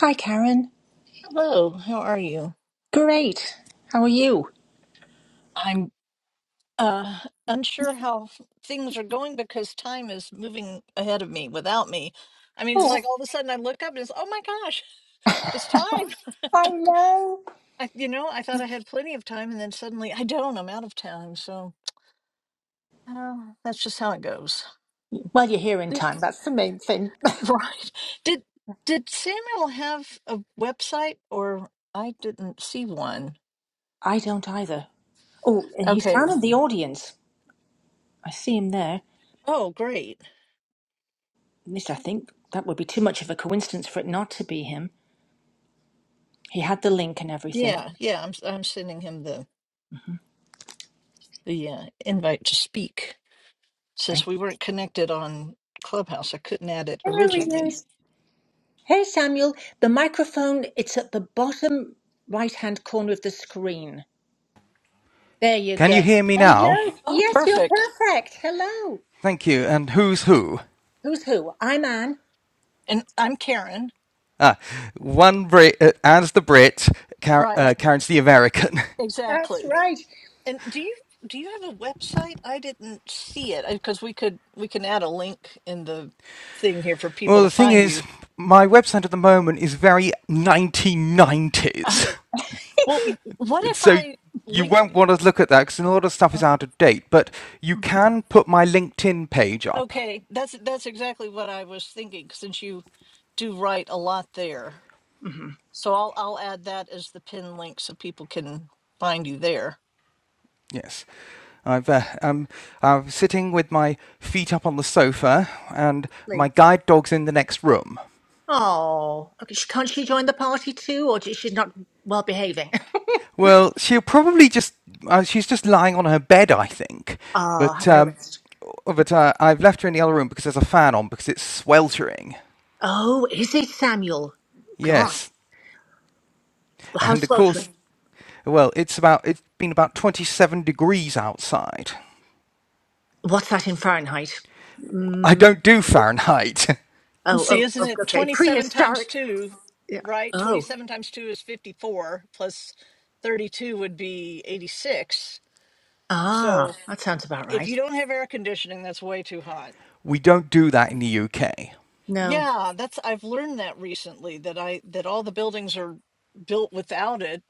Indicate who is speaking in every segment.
Speaker 1: Hi, Karen.
Speaker 2: Hello, how are you?
Speaker 1: Great. How are you?
Speaker 2: I'm uh, unsure how f- things are going because time is moving ahead of me without me. I mean, it's
Speaker 1: Oh,
Speaker 2: like all of a sudden I look up and it's, oh my gosh, it's time.
Speaker 1: hello.
Speaker 2: I, you know, I thought I had plenty of time and then suddenly I don't. I'm out of time. So uh, that's just how it goes.
Speaker 1: Well, you're here in
Speaker 2: Did,
Speaker 1: time. That's the main thing.
Speaker 2: right. Did, did Samuel have a website or I didn't see one?
Speaker 1: I don't either. Oh, and he's down
Speaker 2: Okay.
Speaker 1: in the audience. I see him there.
Speaker 2: Oh, great.
Speaker 1: At least I think that would be too much of a coincidence for it not to be him. He had the link and everything.
Speaker 2: Yeah. Yeah. I'm, s- I'm sending him the, the uh, invite to speak. Since
Speaker 1: Thank
Speaker 2: we weren't connected on Clubhouse, I couldn't add it
Speaker 1: you. There he
Speaker 2: originally.
Speaker 1: is. Hey, Samuel. The microphone, it's at the bottom right-hand corner of the screen. There you
Speaker 3: Can you
Speaker 1: go.
Speaker 3: hear me now?
Speaker 1: Hello.
Speaker 2: Oh,
Speaker 1: Yes, you're
Speaker 2: perfect.
Speaker 1: perfect. Hello.
Speaker 3: Thank you. And who's who?
Speaker 1: Who's who? I'm Anne.
Speaker 2: And I'm Karen.
Speaker 3: Ah, one Brit, uh, Anne's the Brit, Car-
Speaker 2: Right.
Speaker 3: uh, Karen's the American.
Speaker 1: That's
Speaker 2: Exactly.
Speaker 1: right.
Speaker 2: And do you do you have a website? I didn't see it because we could we can add a link in the thing here for people
Speaker 3: well,
Speaker 2: to
Speaker 3: the thing
Speaker 2: find
Speaker 3: is,
Speaker 2: you.
Speaker 3: my website at the moment is very
Speaker 2: Oh,
Speaker 3: 1990s.
Speaker 2: well, what if
Speaker 3: so
Speaker 2: I
Speaker 3: you
Speaker 2: link?
Speaker 3: won't want to look at that because a lot of stuff is out of date. But you can put my LinkedIn page up.
Speaker 2: Okay, that's that's exactly what I was thinking. Since you do write a lot there,
Speaker 1: hmm
Speaker 2: so I'll I'll add that as the pin link so people can find you there.
Speaker 3: Yes. I've, uh, um, I'm sitting with my feet up on the sofa and my guide dog's in the next room.
Speaker 1: Oh, okay. She, can't she join the party too, or she- she's not well behaving?
Speaker 3: Well, she'll probably just uh, she's just lying on her bed, I think.
Speaker 1: Oh,
Speaker 3: But
Speaker 1: having a
Speaker 3: um,
Speaker 1: rest.
Speaker 3: oh, but uh, I've left her in the other room because there's a fan on because it's sweltering.
Speaker 1: Oh, is it Samuel? Gosh,
Speaker 3: Yes,
Speaker 1: how
Speaker 3: and of course,
Speaker 1: sweltering.
Speaker 3: well, it's about it's been about 27 degrees outside.
Speaker 1: What's that in Fahrenheit?
Speaker 3: I
Speaker 1: Mm,
Speaker 3: don't do Fahrenheit.
Speaker 1: oh,
Speaker 2: See,
Speaker 1: oh,
Speaker 2: isn't
Speaker 1: oh,
Speaker 2: it
Speaker 1: okay.
Speaker 2: 27 times
Speaker 1: Prehistoric.
Speaker 2: 2,
Speaker 1: Yeah.
Speaker 2: right?
Speaker 1: Oh,
Speaker 2: 27 times 2 is 54, plus 32 would be 86.
Speaker 1: ah,
Speaker 2: So
Speaker 1: that sounds about
Speaker 2: if
Speaker 1: right.
Speaker 2: you don't have air conditioning, that's way too hot.
Speaker 3: we don't do that in the UK.
Speaker 1: No.
Speaker 2: Yeah, that's I've learned that recently that I that all the buildings are built without it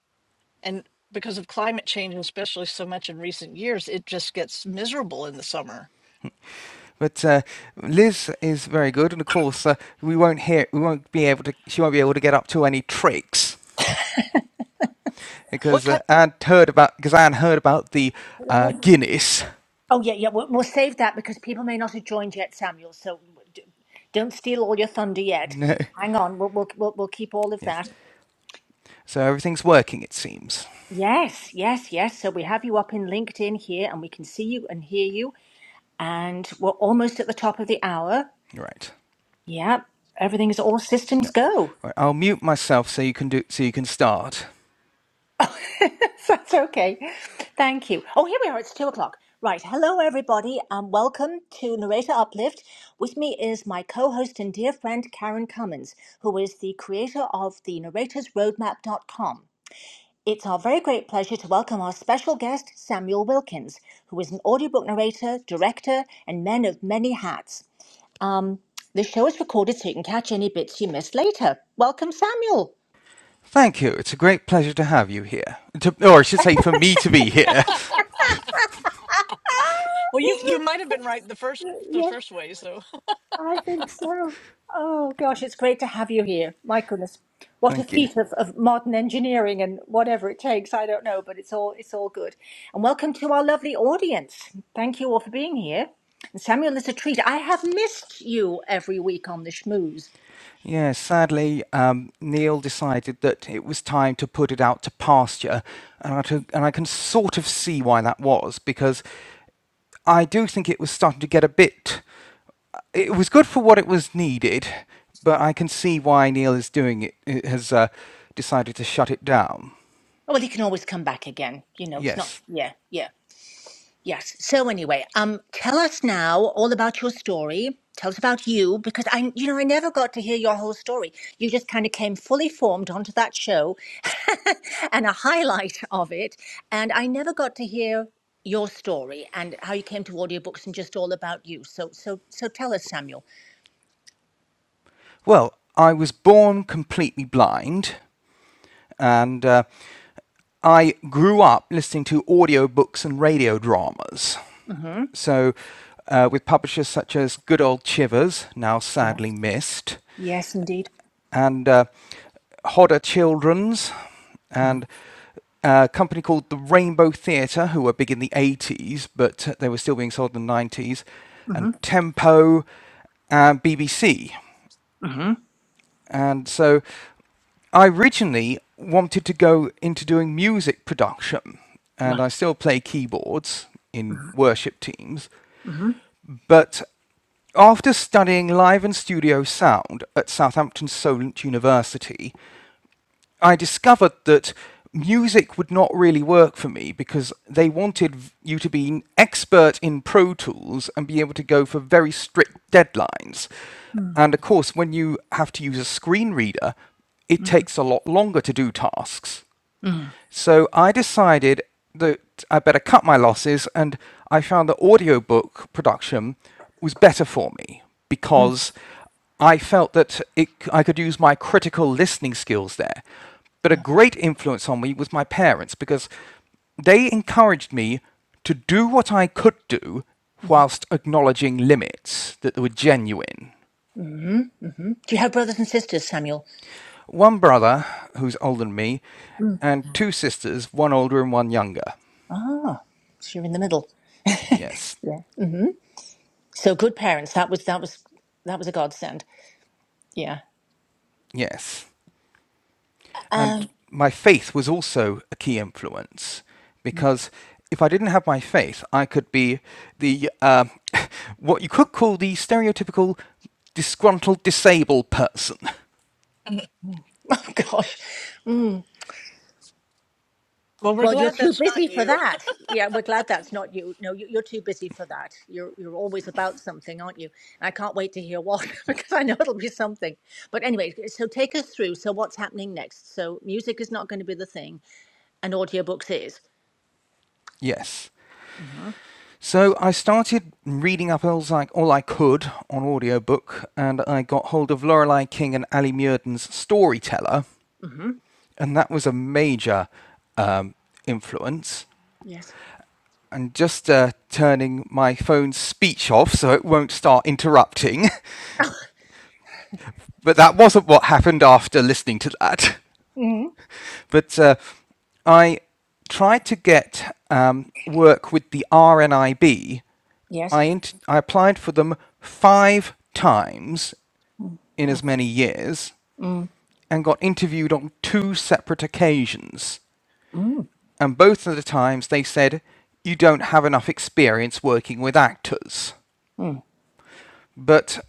Speaker 2: and because of climate change and especially so much in recent years, it just gets miserable in the summer.
Speaker 3: But uh, Liz is very good, and of course, uh, we won't hear we won't be able to she won't be able to get up to any tricks.
Speaker 2: What
Speaker 3: because uh,
Speaker 2: kind
Speaker 3: I'd heard about because I'd heard about the uh, Guinness.
Speaker 1: Oh, yeah, yeah. We'll, we'll save that because people may not have joined yet, Samuel. So d- don't steal all your thunder yet.
Speaker 3: No,
Speaker 1: Hang on. We'll, we'll, we'll, we'll keep all of
Speaker 3: yes.
Speaker 1: that.
Speaker 3: So everything's working, it seems.
Speaker 1: Yes, yes, yes. So we have you up in LinkedIn here and we can see you and hear you. And we're almost at the top of the hour.
Speaker 3: Right.
Speaker 1: Yeah, everything is all
Speaker 3: No.
Speaker 1: systems go.
Speaker 3: Right. I'll mute myself so you can do so you can start.
Speaker 1: That's okay. Thank you. Oh, here we are. It's two o'clock. Right. Hello, everybody, and welcome to Narrator Uplift. With me is my co host and dear friend, Karen Cummins, who is the creator of the narratorsroadmap.com. It's our very great pleasure to welcome our special guest, Samuel Wilkins, who is an audiobook narrator, director, and man of many hats. Um, the show is recorded so you can catch any bits you missed later. Welcome, Samuel.
Speaker 3: Thank you. It's a great pleasure to have you here. To, or I should say, for me to be here.
Speaker 2: Well, you you might have been right the first the
Speaker 1: Yes.
Speaker 2: first way, so
Speaker 1: I think so. Oh gosh, it's great to have you here. My goodness, what a
Speaker 3: Thank you.
Speaker 1: feat of, of modern engineering and whatever it takes. I don't know, but it's all it's all good. And welcome to our lovely audience. Thank you all for being here. And Samuel, it's a treat. I have missed you every week on the schmooze.
Speaker 3: Yeah, sadly, um, Neil decided that it was time to put it out to pasture, and I, took, and I can sort of see why that was because I do think it was starting to get a bit. uh, It was good for what it was needed, but I can see why Neil is doing it. it has uh, decided to shut it down.
Speaker 1: Oh, Well, you can always come back again. You know, it's not.
Speaker 3: Yes.
Speaker 1: Yeah, yeah. Yes. So anyway, um, tell us now all about your story. Tell us about you because I, you know, I never got to hear your whole story. You just kind of came fully formed onto that show, and a highlight of it, and I never got to hear your story and how you came to audiobooks and just all about you. So, so, so tell us, Samuel.
Speaker 3: Well, I was born completely blind, and uh, I grew up listening to audiobooks and radio dramas.
Speaker 1: Mm-hmm.
Speaker 3: So, uh, with publishers such as Good Old Chivers, now sadly
Speaker 1: Yes.
Speaker 3: missed,
Speaker 1: Yes, indeed.
Speaker 3: and uh, Hodder Children's, and
Speaker 1: Mm-hmm.
Speaker 3: uh, a company called the Rainbow Theatre, who were big in the 80s, but they were still being sold in the 90s, and
Speaker 1: Mm-hmm.
Speaker 3: Tempo, and BBC.
Speaker 1: Mm-hmm.
Speaker 3: And so I originally wanted to go into doing music production, and
Speaker 1: Right.
Speaker 3: I still play keyboards in
Speaker 1: Mm-hmm.
Speaker 3: worship teams.
Speaker 1: Mm-hmm.
Speaker 3: But after studying live and studio sound at Southampton Solent University, I discovered that music would not really work for me because they wanted you to be an expert in Pro Tools and be able to go for very strict deadlines. And of course, when you have to use a screen reader, it
Speaker 1: Mm-hmm.
Speaker 3: takes a lot longer to do tasks.
Speaker 1: Mm-hmm.
Speaker 3: So I decided that I better cut my losses, and I found that audiobook production was better for me
Speaker 1: Mm-hmm.
Speaker 3: because I felt that it, I could use my critical listening skills there. But a great influence on me was my parents because they encouraged me to do what I could do
Speaker 1: Mm-hmm.
Speaker 3: whilst acknowledging limits that they were genuine.
Speaker 1: Mm-hmm. Mm-hmm. Do you have brothers and sisters, Samuel?
Speaker 3: One brother, who's older than me,
Speaker 1: Mm.
Speaker 3: and two sisters, one older and one younger.
Speaker 1: Ah, so you're in the middle.
Speaker 3: Yes.
Speaker 1: Yeah. hmm So good parents. That was that was that was a godsend. Yeah.
Speaker 3: Yes. And
Speaker 1: Um.
Speaker 3: my faith was also a key influence because if I didn't have my faith, I could be the uh, what you could call the stereotypical disgruntled disabled person.
Speaker 1: Oh gosh. Mm.
Speaker 2: well, we're
Speaker 1: Well, you're
Speaker 2: glad
Speaker 1: too
Speaker 2: that's not
Speaker 1: busy for
Speaker 2: you.
Speaker 1: that. Yeah, we're glad that's not you. No, you- you're too busy for that. You're you're always about something, aren't you? I can't wait to hear what because I know it'll be something. But anyway, so take us through. So what's happening next? So music is not going to be the thing, and audiobooks is.
Speaker 3: Yes.
Speaker 1: Uh-huh.
Speaker 3: So I started reading up all I, all I could on audiobook, and I got hold of Lorelei King and Ali Muirden's Storyteller,
Speaker 1: Mm-hmm.
Speaker 3: and that was a major um, influence.
Speaker 1: Yes.
Speaker 3: and just uh, turning my phone's speech off so it won't start interrupting. but that wasn't what happened after listening to that.
Speaker 1: Mm-hmm.
Speaker 3: But uh, I tried to get um, work with the RNIB.
Speaker 1: Yes.
Speaker 3: int- I applied for them five times in as many years
Speaker 1: Mm-hmm.
Speaker 3: and got interviewed on two separate occasions. And both of the times they said, you don't have enough experience working with actors.
Speaker 1: Mm,
Speaker 3: But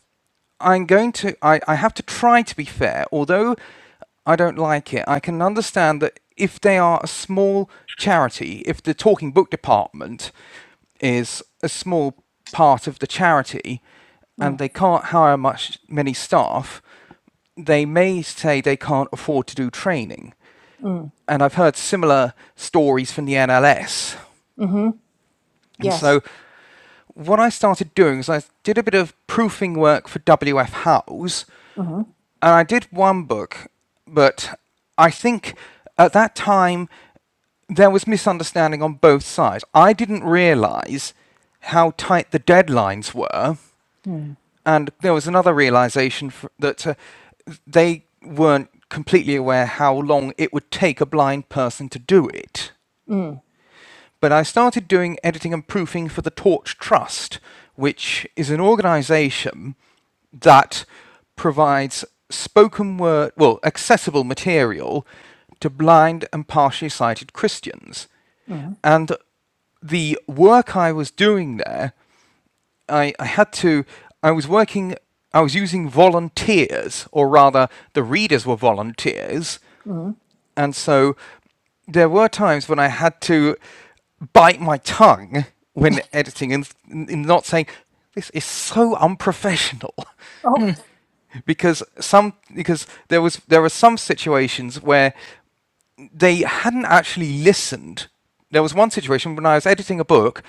Speaker 3: I'm going to, I, I have to try to be fair. Although I don't like it, I can understand that if they are a small charity, if the talking book department is a small part of the charity and
Speaker 1: mm,
Speaker 3: they can't hire much many staff, they may say they can't afford to do training.
Speaker 1: mm,
Speaker 3: And I've heard similar stories from the NLS
Speaker 1: mm-hmm.
Speaker 3: and
Speaker 1: Yes.
Speaker 3: so what I started doing is I did a bit of proofing work for W.F. House,
Speaker 1: Mm-hmm.
Speaker 3: and I did one book, but I think at that time there was misunderstanding on both sides. I didn't realize how tight the deadlines were,
Speaker 1: Mm,
Speaker 3: and there was another realization that uh, they weren't completely aware how long it would take a blind person to do it.
Speaker 1: mm,
Speaker 3: But I started doing editing and proofing for the Torch Trust, which is an organization that provides spoken word, well, accessible material to blind and partially sighted Christians.
Speaker 1: mm,
Speaker 3: And the work I was doing there, I, I had to, I was working, I was using volunteers, or rather, the readers were volunteers
Speaker 1: mm.
Speaker 3: and so there were times when I had to bite my tongue when editing and, and not saying this is so unprofessional
Speaker 1: Oh.
Speaker 3: because some because there was there were some situations where they hadn't actually listened. There was one situation when I was editing a book,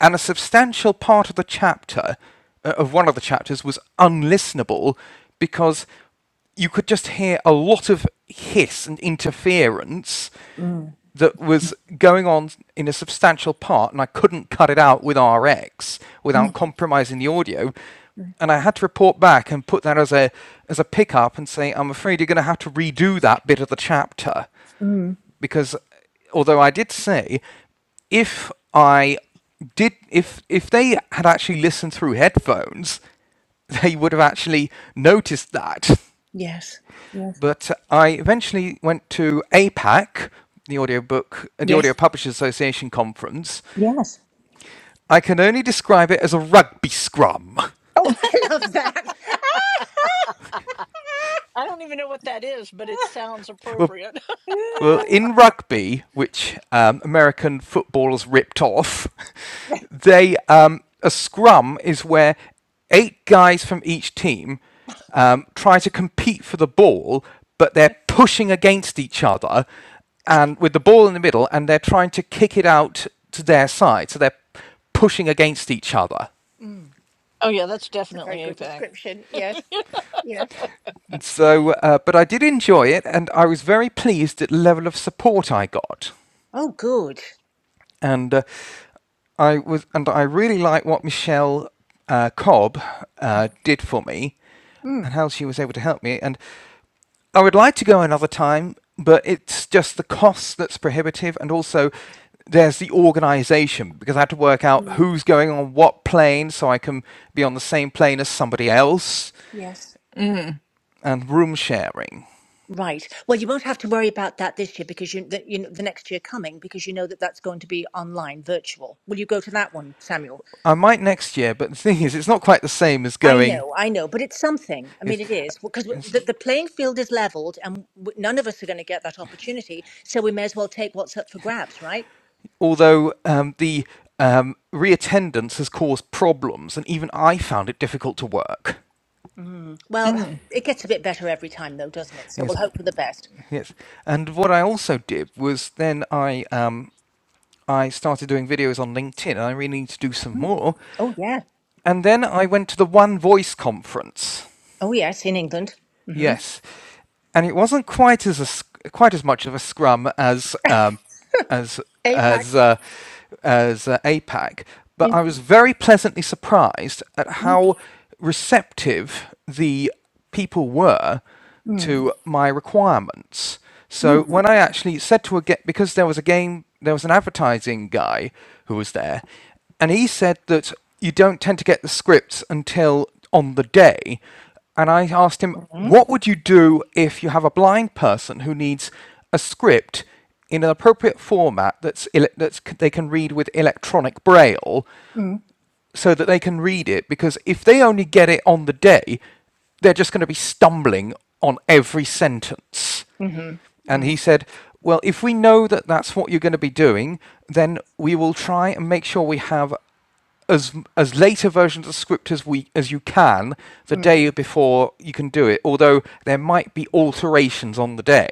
Speaker 3: and a substantial part of the chapter, uh, of one of the chapters, was unlistenable because you could just hear a lot of hiss and interference
Speaker 1: Mm,
Speaker 3: that was going on in a substantial part, and I couldn't cut it out with RX without
Speaker 1: mm,
Speaker 3: compromising the audio.
Speaker 1: mm.
Speaker 3: And I had to report back and put that as a as a pickup and say, I'm afraid you're going to have to redo that bit of the chapter
Speaker 1: mm.
Speaker 3: because although I did say if I did if if they had actually listened through headphones, they would have actually noticed that.
Speaker 1: Yes. Yes.
Speaker 3: But I eventually went to APAC, the audiobook uh, the
Speaker 1: Yes.
Speaker 3: Audio Publishers Association conference.
Speaker 1: Yes.
Speaker 3: I can only describe it as a rugby scrum,
Speaker 1: Oh, I love that.
Speaker 2: I don't even know what that is, but it sounds
Speaker 3: where
Speaker 2: appropriate.
Speaker 3: Well, in rugby, which um, American footballers ripped off, they um, a scrum is where eight guys from each team um, try to compete for the ball, but they're pushing against each other, and with the ball in the middle, and they're trying to kick it out to their side, so they're pushing against each other.
Speaker 1: mm.
Speaker 2: Oh yeah, that's
Speaker 1: It's a very
Speaker 2: definitely
Speaker 1: good
Speaker 2: APAC.
Speaker 1: description. Yes. Yeah.
Speaker 3: And So, uh, but I did enjoy it, and I was very pleased at the level of support I got.
Speaker 1: Oh, good.
Speaker 3: And uh, I was, and I really like what Michelle uh, Cobb uh, did for me,
Speaker 1: Mm.
Speaker 3: and how she was able to help me. And I would like to go another time, but it's just the cost that's prohibitive, and also there's the organisation because I had to work out
Speaker 1: Mm.
Speaker 3: who's going on what plane so I can be on the same plane as somebody else,
Speaker 1: Yes.
Speaker 2: mm,
Speaker 3: and room sharing.
Speaker 1: Right. Well, you won't have to worry about that this year because you, the, you know, the next year coming because you know that that's going to be online, virtual. Will you go to that one, Samuel?
Speaker 3: I might next year, but the thing is, it's not quite the same as
Speaker 1: I
Speaker 3: going.
Speaker 1: know, I know, but it's something. I
Speaker 3: It's,
Speaker 1: mean, it is because
Speaker 3: it's
Speaker 1: the, the playing field is leveled, and w- none of us are going to get that opportunity. So we may as well take what's up for grabs, right?
Speaker 3: although um, the um, reattendance has caused problems, and even I found it difficult to work.
Speaker 1: Mm. Well, h-
Speaker 2: mm,
Speaker 1: it gets a bit better every time, though, doesn't it? So
Speaker 3: Yes,
Speaker 1: we'll hope for the best.
Speaker 3: yes. And what I also did was then I um, I started doing videos on LinkedIn, and I really need to do some
Speaker 1: Mm.
Speaker 3: more.
Speaker 1: Oh yeah,
Speaker 3: And then I went to the One Voice conference
Speaker 1: oh yes, in England. Mm-hmm.
Speaker 3: Yes, and it wasn't quite as a, s- quite as much of a scrum as um, as
Speaker 1: APAC.
Speaker 3: as uh, as uh, APAC,
Speaker 1: Yeah.
Speaker 3: but I was very pleasantly surprised at
Speaker 1: Mm,
Speaker 3: how receptive the people were
Speaker 1: mm,
Speaker 3: to my requirements. So
Speaker 1: mm,
Speaker 3: when I actually said to a get because there was a game, there was an advertising guy who was there, and he said that you don't tend to get the scripts until on the day, and I asked him,
Speaker 1: mm,
Speaker 3: What would you do if you have a blind person who needs a script in an appropriate format that's, that's they can read with electronic braille
Speaker 1: mm,
Speaker 3: so that they can read it? Because if they only get it on the day, they're just going to be stumbling on every sentence.
Speaker 1: mm,
Speaker 3: And he
Speaker 1: mm,
Speaker 3: said, Well, if we know that that's what you're going to be doing, then we will try and make sure we have as as later versions of script as we as you can the
Speaker 1: mm.
Speaker 3: day before you can do it. Although there might be alterations on the day,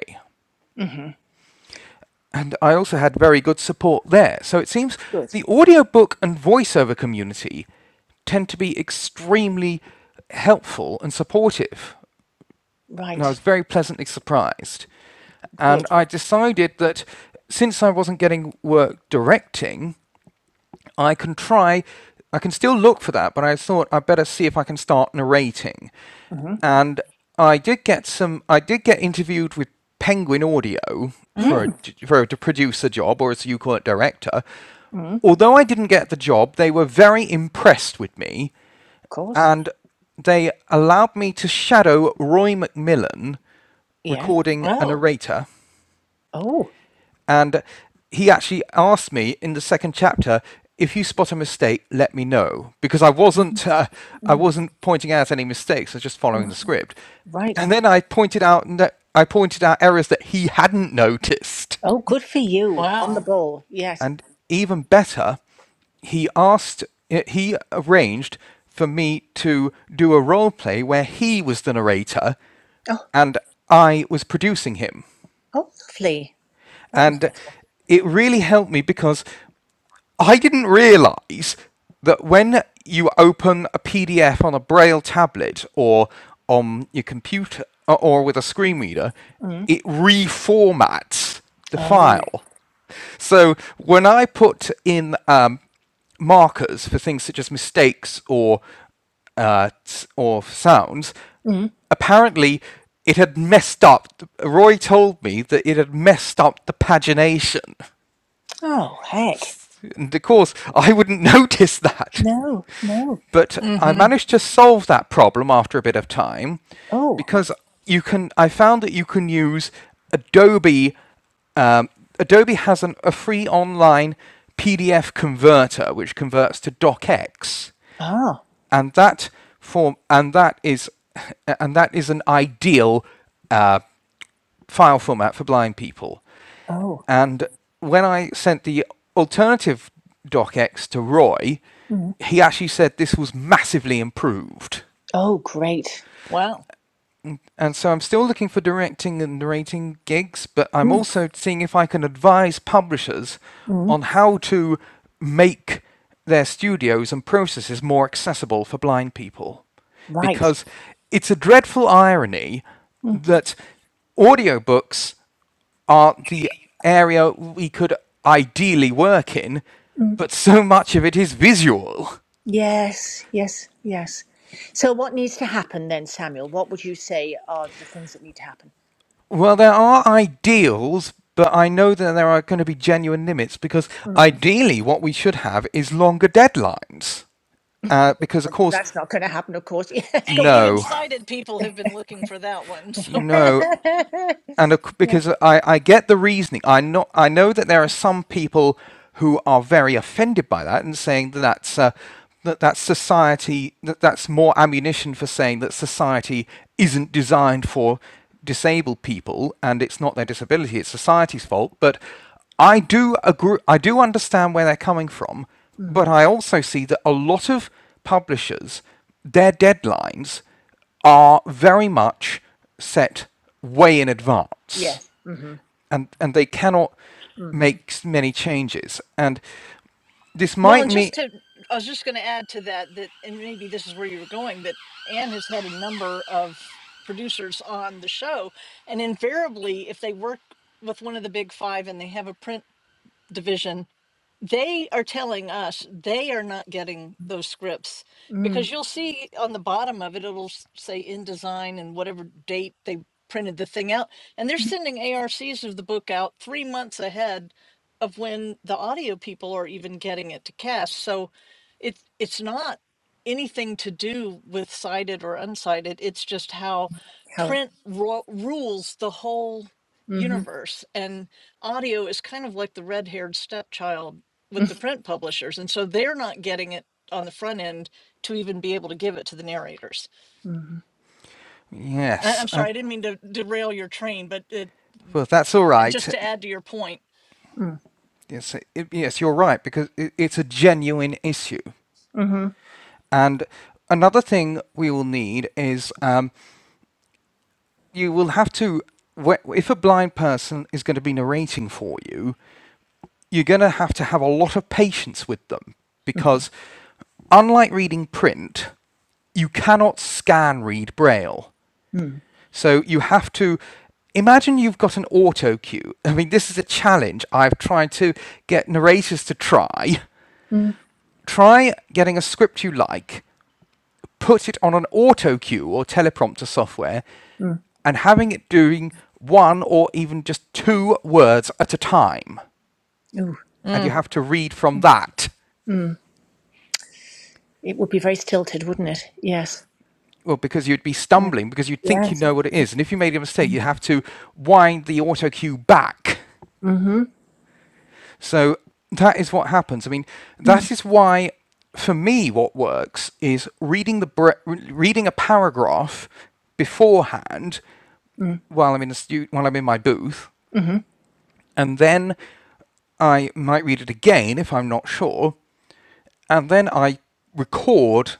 Speaker 1: Mm.
Speaker 3: and I also had very good support there. So it seems
Speaker 1: Good.
Speaker 3: the audiobook and voiceover community tend to be extremely helpful and supportive, and I
Speaker 1: Right.
Speaker 3: was very pleasantly surprised. And
Speaker 1: Good.
Speaker 3: I decided that since I wasn't getting work directing, I can try, I can still look for that, but I thought I'd better see if I can start narrating.
Speaker 1: Mm-hmm.
Speaker 3: And I did get some, I did get interviewed with Penguin Audio for a,
Speaker 2: mm.
Speaker 1: Mm,
Speaker 3: for a producer job, or as you call it, director.
Speaker 1: mm, of
Speaker 3: Although I didn't get the job, they were very impressed with me
Speaker 1: course.
Speaker 3: and they allowed me to shadow Roy McMillan
Speaker 1: Yeah.
Speaker 3: recording a
Speaker 2: Oh,
Speaker 3: narrator
Speaker 1: Oh.
Speaker 3: and he actually asked me in the second chapter, if you spot a mistake, let me know, because I
Speaker 1: Mm,
Speaker 3: wasn't, uh, I
Speaker 1: mm,
Speaker 3: wasn't pointing out any mistakes. I was just following the
Speaker 1: mm.
Speaker 3: script.
Speaker 1: Right.
Speaker 3: And then I pointed out, no- I pointed out errors that he hadn't noticed.
Speaker 1: Oh, good for you. On the
Speaker 2: wow.
Speaker 1: ball. Yes.
Speaker 3: and even better, he asked, he arranged for me to do a role play where he was the narrator
Speaker 1: Oh,
Speaker 3: and I was producing him.
Speaker 1: hopefully that was
Speaker 3: And
Speaker 1: helpful.
Speaker 3: it really helped me because I didn't realize that when you open a PDF on a braille tablet or on your computer uh, or- with a screen reader,
Speaker 1: Mm.
Speaker 3: it reformats the
Speaker 1: Oh.
Speaker 3: file. So when I put in um, markers for things such as mistakes or uh, or sounds,
Speaker 1: Mm.
Speaker 3: apparently it had messed up. Roy told me that it had messed up the pagination.
Speaker 1: Oh, heck.
Speaker 3: And of course, I wouldn't notice that.
Speaker 1: No, no.
Speaker 3: But I
Speaker 2: hmm
Speaker 3: managed to solve that problem after a bit of time
Speaker 1: Oh.
Speaker 3: because you can. I found that you can use Adobe. Um, Adobe has an, a free online PDF converter which converts to DocX,
Speaker 1: Ah.
Speaker 3: and that form and that is and that is an ideal uh, file format for blind people.
Speaker 1: Oh.
Speaker 3: And when I sent the alternative docx to Roy,
Speaker 1: Mm.
Speaker 3: he actually said this was massively improved.
Speaker 1: Oh, great.
Speaker 2: Wow.
Speaker 3: And so I'm still looking for directing and narrating gigs, but I'm
Speaker 1: Mm.
Speaker 3: also seeing if I can advise publishers
Speaker 1: Mm.
Speaker 3: on how to make their studios and processes more accessible for blind people.
Speaker 1: Right.
Speaker 3: Because it's a dreadful irony
Speaker 1: Mm.
Speaker 3: that audiobooks are the area we could ideally work in,
Speaker 1: Mm.
Speaker 3: but so much of it is visual.
Speaker 1: Yes, yes, yes. So, what needs to happen then, Samuel? What would you say are the things that need to happen?
Speaker 3: Well, there are ideals, but I know that there are going to be genuine limits because
Speaker 1: Mm.
Speaker 3: ideally, what we should have is longer deadlines. Uh, because, of
Speaker 1: Well,
Speaker 3: course,
Speaker 1: that's not going to happen, of course. Yes, go
Speaker 2: E-
Speaker 1: on.
Speaker 2: Even
Speaker 3: no,
Speaker 2: sighted people have been looking for that one. So
Speaker 3: no and of
Speaker 1: yeah.
Speaker 3: because I, I get the reasoning. I know I know that there are some people who are very offended by that and saying that that's uh, that that's society that that's more ammunition for saying that society isn't designed for disabled people and it's not their disability it's society's fault but I do agree I do understand where they're coming from
Speaker 1: Mm.
Speaker 3: but I also see that a lot of publishers their deadlines are very much set way in advance,
Speaker 1: Yes. Mm-hmm.
Speaker 3: and, and they cannot
Speaker 1: Mm-hmm. mm hmm mm
Speaker 3: make many changes. And this
Speaker 2: well,
Speaker 3: might
Speaker 2: and
Speaker 3: mean,
Speaker 2: just to, I was just going to add to that that, and maybe this is where you were going. That Anne has had a number of producers on the show, and invariably, if they work with one of the big five and they have a print division they are telling us they are not getting those scripts
Speaker 1: hmm
Speaker 2: because you'll see on the bottom of it it'll s- say in design and whatever date they printed the thing out and they're sending arcs of the book out three months ahead of when the audio people are even getting it to cast so it's it's not anything to do with cited or uncited it's just how
Speaker 1: How it.
Speaker 2: print ru- rules the whole
Speaker 1: Mm-hmm.
Speaker 2: universe and audio is kind of like the red-haired stepchild with the print publishers, and so they're not getting it on the front end to even be able to give it to the narrators.
Speaker 1: Mm-hmm.
Speaker 2: I,
Speaker 3: yes,
Speaker 2: I'm
Speaker 3: uh,
Speaker 2: sorry, I didn't mean to derail your train, but it,
Speaker 3: well, that's all right.
Speaker 2: just to add to your point.
Speaker 1: Mm-hmm.
Speaker 3: Yes, it, yes, you're right, because it, it's a genuine issue.
Speaker 1: Mm-hmm.
Speaker 3: And another thing we will need is um, you will have to, if a blind person is going to be narrating for you, you're going to have to have a lot of patience with them
Speaker 1: Mm-hmm.
Speaker 3: because, unlike reading print, you cannot scan read braille. So you have to imagine you've got an auto cue. I mean, this is a challenge I've tried to get narrators to try.
Speaker 1: Mm-hmm.
Speaker 3: Try getting a script you like, put it on an auto cue or teleprompter software, and having it doing one or even just two words at a time.
Speaker 1: Ooh.
Speaker 3: And you
Speaker 2: Mm.
Speaker 3: have to read from that.
Speaker 1: Mm. It would be very stilted, wouldn't it? Yes.
Speaker 3: Well, because you'd be
Speaker 1: Yeah.
Speaker 3: stumbling, because you'd think you
Speaker 1: Yes.
Speaker 3: know what it is. And if you made a mistake, you have to wind the auto cue back.
Speaker 1: Mm-hmm.
Speaker 3: So that is what happens. I mean,
Speaker 1: Mm-hmm.
Speaker 3: that is why, for me, what works is reading, the bre- reading a paragraph beforehand while I'm in the stu- while I'm in my booth,
Speaker 1: Mm-hmm.
Speaker 3: and then I might read it again if I'm not sure, and then I record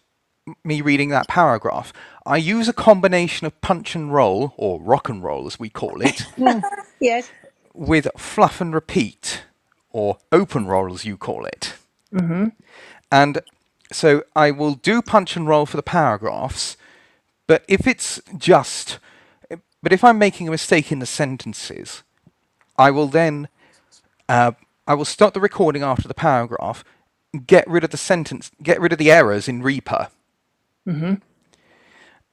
Speaker 3: me reading that paragraph. I use a combination of punch and roll, or rock and roll as we call it,
Speaker 2: Mm.
Speaker 1: Yes.
Speaker 3: with fluff and repeat, or open roll as you call it.
Speaker 1: Mm-hmm.
Speaker 3: And so I will do punch and roll for the paragraphs, but if it's just, but if I'm making a mistake in the sentences, I will then uh, I will stop the recording after the paragraph, get rid of the sentence, get rid of the errors in Reaper,
Speaker 1: Mm-hmm.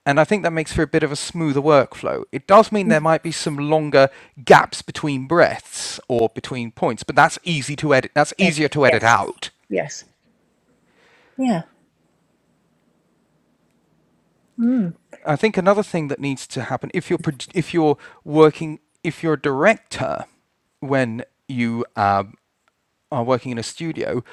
Speaker 3: and I think that makes for a bit of a smoother workflow. It does mean
Speaker 1: Uh,
Speaker 3: there might be some longer gaps between breaths or between points, but that's easy to edit. That's easier to edit
Speaker 1: yes.
Speaker 3: out.
Speaker 1: Yes. Yeah. Mm.
Speaker 3: I think another thing that needs to happen if you're if you're working if you're a director when you um, are working in a studio,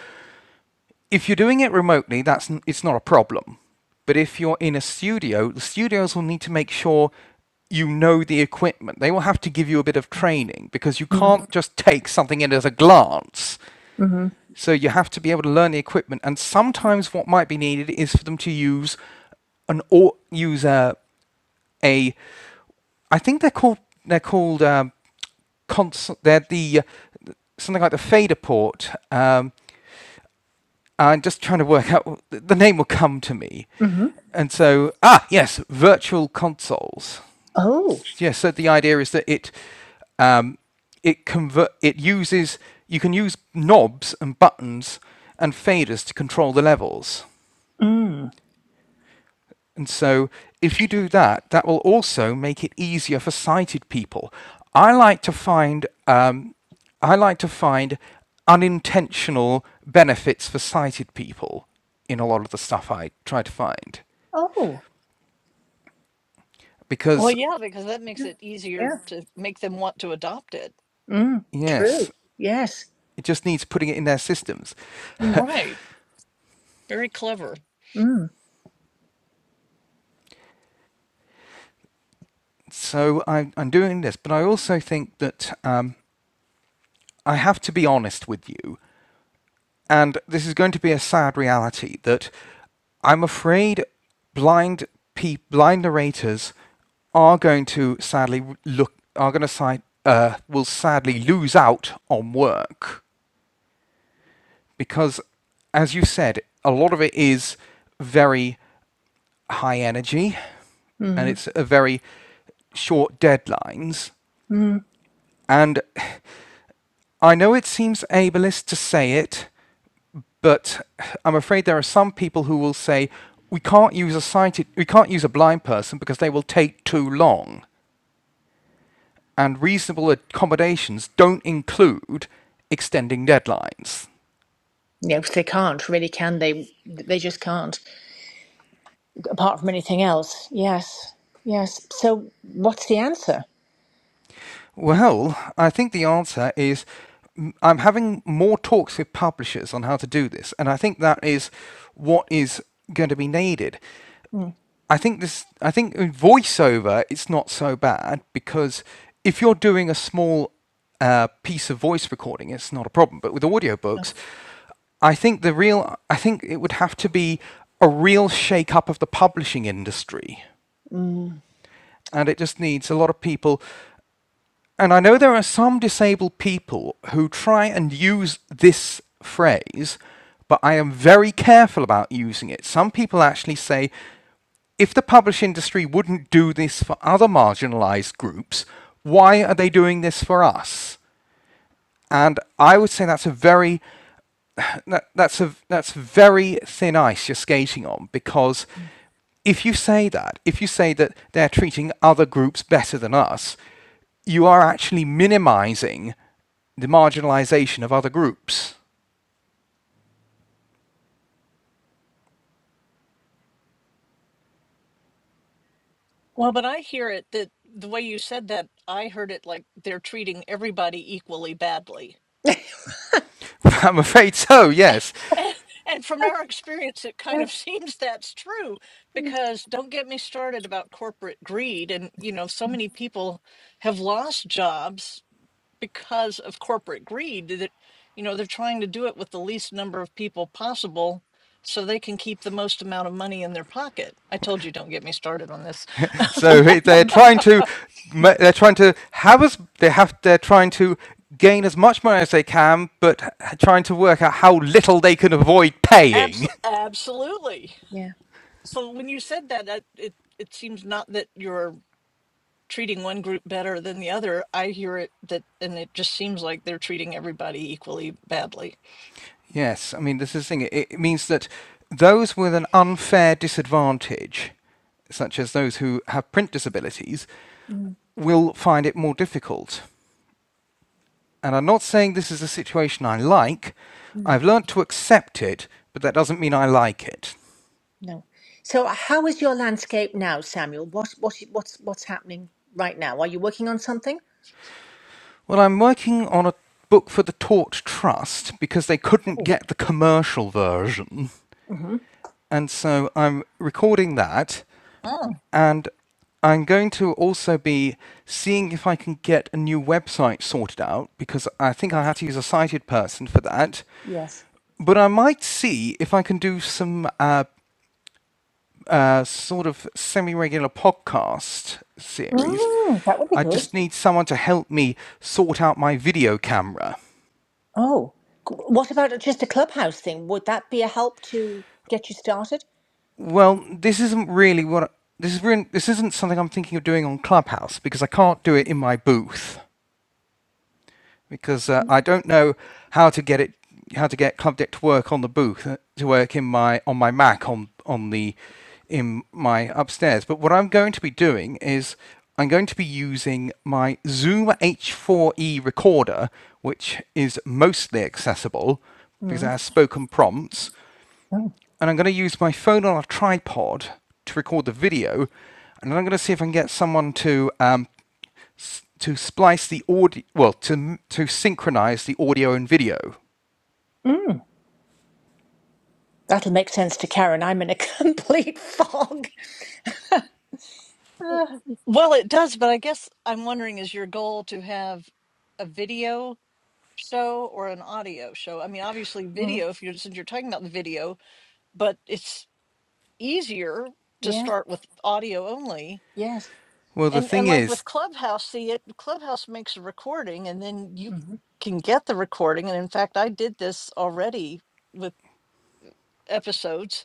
Speaker 3: if you're doing it remotely, that's it's not a problem. But if you're in a studio, the studios will need to make sure you know the equipment. They will have to give you a bit of training because you
Speaker 1: Mm.
Speaker 3: can't just take something in at a glance.
Speaker 1: Mm-hmm.
Speaker 3: So you have to be able to learn the equipment. And sometimes what might be needed is for them to use an or use a, a I think they're called they're called um, cons- they're the something like the fader port. Um, I'm just trying to work out the name will come to me.
Speaker 1: Mm-hmm.
Speaker 3: And so, ah, yes, virtual consoles.
Speaker 1: Oh.
Speaker 3: Yes, so the idea is that it um, it convert it uses you can use knobs and buttons and faders to control the levels.
Speaker 1: Mm.
Speaker 3: And so, if you do that, that will also make it easier for sighted people. I like to find um, I like to find unintentional benefits for sighted people in a lot of the stuff I try to find
Speaker 1: Oh.
Speaker 2: Well,
Speaker 3: because
Speaker 2: yeah, because that makes
Speaker 1: Yeah.
Speaker 2: it easier
Speaker 1: Yeah.
Speaker 2: to make them want to adopt it.
Speaker 1: Mm. True.
Speaker 3: yes,
Speaker 1: Yes.
Speaker 3: It just needs putting it in their systems.
Speaker 1: Mm.
Speaker 2: Right. Very clever.
Speaker 1: Mm.
Speaker 3: So I, I'm doing this, but I also think that um, I have to be honest with you, and this is going to be a sad reality that I'm afraid blind pe- blind narrators are going to sadly look are going to si- uh, will sadly lose out on work because, as you said, a lot of it is very high energy, and
Speaker 1: Mm.
Speaker 3: it's a very short deadlines.
Speaker 1: Mm.
Speaker 3: And I know it seems ableist to say it, but I'm afraid there are some people who will say we can't use a sighted, we can't use a blind person because they will take too long. And reasonable accommodations don't include extending deadlines.
Speaker 1: Yeah, 'cause they can't really, can they? They just can't. apart from anything else. Yes, yes. So, what's the answer?
Speaker 3: Well, I think the answer is i I'm having more talks with publishers on how to do this, and I think that is what is going to be needed.
Speaker 1: Mm.
Speaker 3: I think this. I think in voiceover it's not so bad because if you're doing a small uh, piece of voice recording, it's not a problem. But with
Speaker 1: No.
Speaker 3: audiobooks, I think the real. I think it would have to be a real shake up of the publishing industry,
Speaker 1: Mm.
Speaker 3: and it just needs a lot of people and I know there are some disabled people who try and use this phrase, but I am very careful about using it. Some people actually say if the publishing industry wouldn't do this for other marginalized groups, why are they doing this for us? and I would say that's a very that, that's a that's very thin ice you're skating on because if you say that, if you say that they're treating other groups better than us, you are actually minimizing the marginalization of other groups.
Speaker 2: Well, but I hear it that the way you said that, I heard it like they're treating everybody equally badly
Speaker 1: Mm.
Speaker 3: I'm afraid so. Yes.
Speaker 2: And, and from our experience, it kind of seems that's true because don't get me started about corporate greed. And, you know, so many people have lost jobs because of corporate greed that, you know, they're trying to do it with the least number of people possible so they can keep the most amount of money in their pocket. I told you, don't get me started on this.
Speaker 3: So they're trying to they're trying to have us they have they're trying to gain as much money as they can, but trying to work out how little they can avoid paying.
Speaker 2: Abs- absolutely.
Speaker 1: Yeah.
Speaker 2: So when you said that, that it, it seems not that you're treating one group better than the other. I hear it that, and it just seems like they're treating everybody equally badly.
Speaker 3: Yes, I mean, this is the thing. It, it means that those with an unfair disadvantage, such as those who have print disabilities,
Speaker 1: Mm.
Speaker 3: will find it more difficult. And I'm not saying this is a situation I like.
Speaker 1: Mm.
Speaker 3: I've learnt to accept it, but that doesn't mean I like it.
Speaker 1: No. So, how is your landscape now, Samuel? What, what, what's, what's happening right now? Are you working on something?
Speaker 3: Well, I'm working on a book for the Tort Trust because they couldn't
Speaker 1: Oh.
Speaker 3: get the commercial version.
Speaker 1: hmm
Speaker 3: And so I'm recording that
Speaker 2: Oh.
Speaker 3: and I'm going to also be seeing if I can get a new website sorted out because I think I
Speaker 1: Yes.
Speaker 3: had to use a sighted person for that.
Speaker 1: Yes.
Speaker 3: But I might see if I can do some uh, uh, sort of semi regular podcast series.
Speaker 1: Mm, that would be
Speaker 3: I
Speaker 1: good.
Speaker 3: just need someone to help me sort out my video camera.
Speaker 1: Oh. G- What about just a clubhouse thing? Would that be a help to get you started?
Speaker 3: Well, this isn't really what this is. Really, this isn't something I'm thinking of doing on Clubhouse because I can't do it in my booth. because uh, I don't know how to get it how to get Club Deck to work on the booth uh, to work in my on my Mac on on the in my upstairs. But what I'm going to be doing is I'm going to be using my Zoom H4e recorder, which is mostly accessible because it
Speaker 1: Mm.
Speaker 3: has spoken prompts
Speaker 1: Oh.
Speaker 3: and I'm going to use my phone on a tripod to record the video, and I'm going to see if I can get someone to um, to splice the audio, well, to to synchronize the audio and video.
Speaker 1: Mm. That'll make sense to Karen. I'm in a complete fog. Ah.
Speaker 2: Well, it does, but I guess I'm wondering is your goal to have a video show or an audio show? I mean, obviously,
Speaker 1: Mm.
Speaker 2: video, if you're since you're talking about the video, but it's easier to start with audio only.
Speaker 1: Yes.
Speaker 3: Well, the
Speaker 2: And,
Speaker 3: thing
Speaker 2: and like
Speaker 3: is,
Speaker 2: with Clubhouse, see it Clubhouse makes a recording and then you
Speaker 1: hmm
Speaker 2: can get the recording. And in fact, I did this already with episodes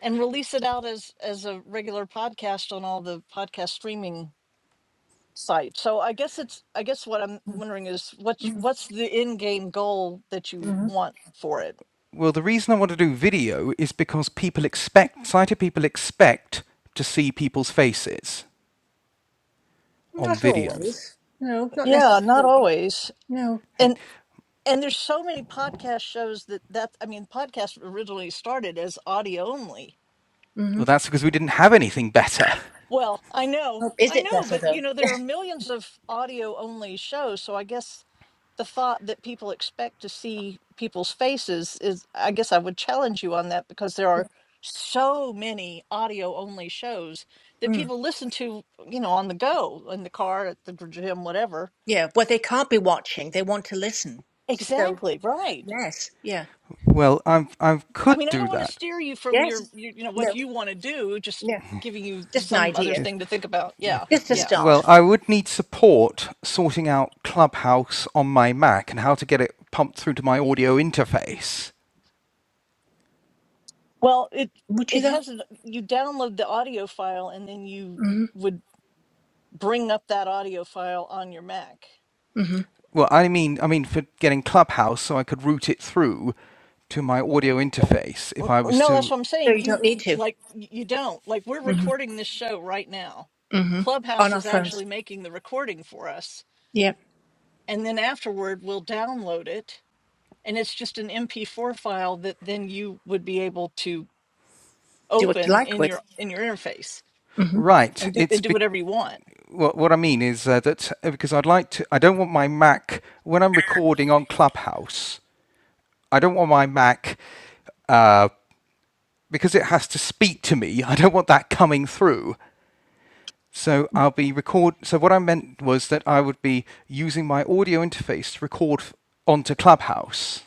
Speaker 2: and release it out as as a regular podcast on all the podcast streaming sites. So I guess it's I guess what I'm wondering is what's
Speaker 1: Mm.
Speaker 2: what's the end game goal that you
Speaker 1: hmm
Speaker 2: want for it?
Speaker 3: well, the reason I want to do video is because people expect sighted people expect to see people's faces on
Speaker 1: Not
Speaker 3: videos.
Speaker 1: always. No, not
Speaker 2: Yeah, not
Speaker 1: necessarily.
Speaker 2: always.
Speaker 1: No.
Speaker 2: And
Speaker 3: Right?
Speaker 2: and there's so many podcast shows that that I mean podcasts originally started as audio only.
Speaker 1: hmm
Speaker 3: Well, that's because we didn't have anything better.
Speaker 2: Well, I know.
Speaker 1: Oh, is
Speaker 2: I
Speaker 1: it
Speaker 2: know,
Speaker 1: better
Speaker 2: but you
Speaker 1: though?
Speaker 2: know there are millions of audio only shows, so I guess the thought that people expect to see people's faces is i guess i would challenge you on that because there are so many audio only shows that
Speaker 1: Mm.
Speaker 2: people listen to you know on the go in the car at the gym whatever
Speaker 1: Yeah. Well, they can't be watching. They want to listen. So
Speaker 2: exactly right
Speaker 1: yes. Yeah.
Speaker 3: Well, I I
Speaker 2: i
Speaker 3: could
Speaker 2: mean i
Speaker 3: do
Speaker 2: don't want to
Speaker 3: that.
Speaker 2: steer you from your
Speaker 1: Yes.
Speaker 2: you, you know what
Speaker 1: No.
Speaker 2: you want to do just
Speaker 1: No.
Speaker 2: giving you
Speaker 1: Just an
Speaker 2: some other
Speaker 1: idea.
Speaker 3: Yes.
Speaker 2: thing to think about yeah
Speaker 1: Just a
Speaker 2: yeah
Speaker 1: start.
Speaker 3: Well, I would need support sorting out Clubhouse on my Mac and how to get it pumped through to my audio interface.
Speaker 2: well it
Speaker 1: Would you
Speaker 2: it
Speaker 1: though?
Speaker 2: has an you download the audio file and then you
Speaker 1: hmm
Speaker 2: would bring up that audio file on your mac
Speaker 1: hmm
Speaker 3: Well, I mean, I mean for getting Clubhouse so I could route it through to my audio
Speaker 2: Oh,
Speaker 3: interface if
Speaker 2: oh,
Speaker 3: I was
Speaker 2: No, that's
Speaker 3: to.
Speaker 2: what I'm
Speaker 1: No,
Speaker 2: saying.
Speaker 1: you don't
Speaker 2: You
Speaker 1: need to.
Speaker 2: like you don't. Like we're
Speaker 1: hmm
Speaker 2: recording this show right now.
Speaker 1: hmm On
Speaker 2: Clubhouse
Speaker 1: our
Speaker 2: is
Speaker 1: phones.
Speaker 2: actually making the recording for us,
Speaker 1: Yeah.
Speaker 2: and then afterward we'll download it, and it's just an MP4 file that then you would be able to
Speaker 1: Do what you
Speaker 2: open
Speaker 1: like
Speaker 2: in your
Speaker 1: with.
Speaker 2: in your interface
Speaker 1: hmm
Speaker 3: Right,
Speaker 2: and do
Speaker 3: it's
Speaker 2: and do
Speaker 3: be-
Speaker 2: whatever you want.
Speaker 3: what what I mean is uh, that uh, because I'd like to, I don't want my Mac when I'm recording on Clubhouse. I don't want my Mac uh, because it has to speak to me. I don't want that coming through. So I'll be record. So what I meant was that I would be using my audio interface to record onto Clubhouse.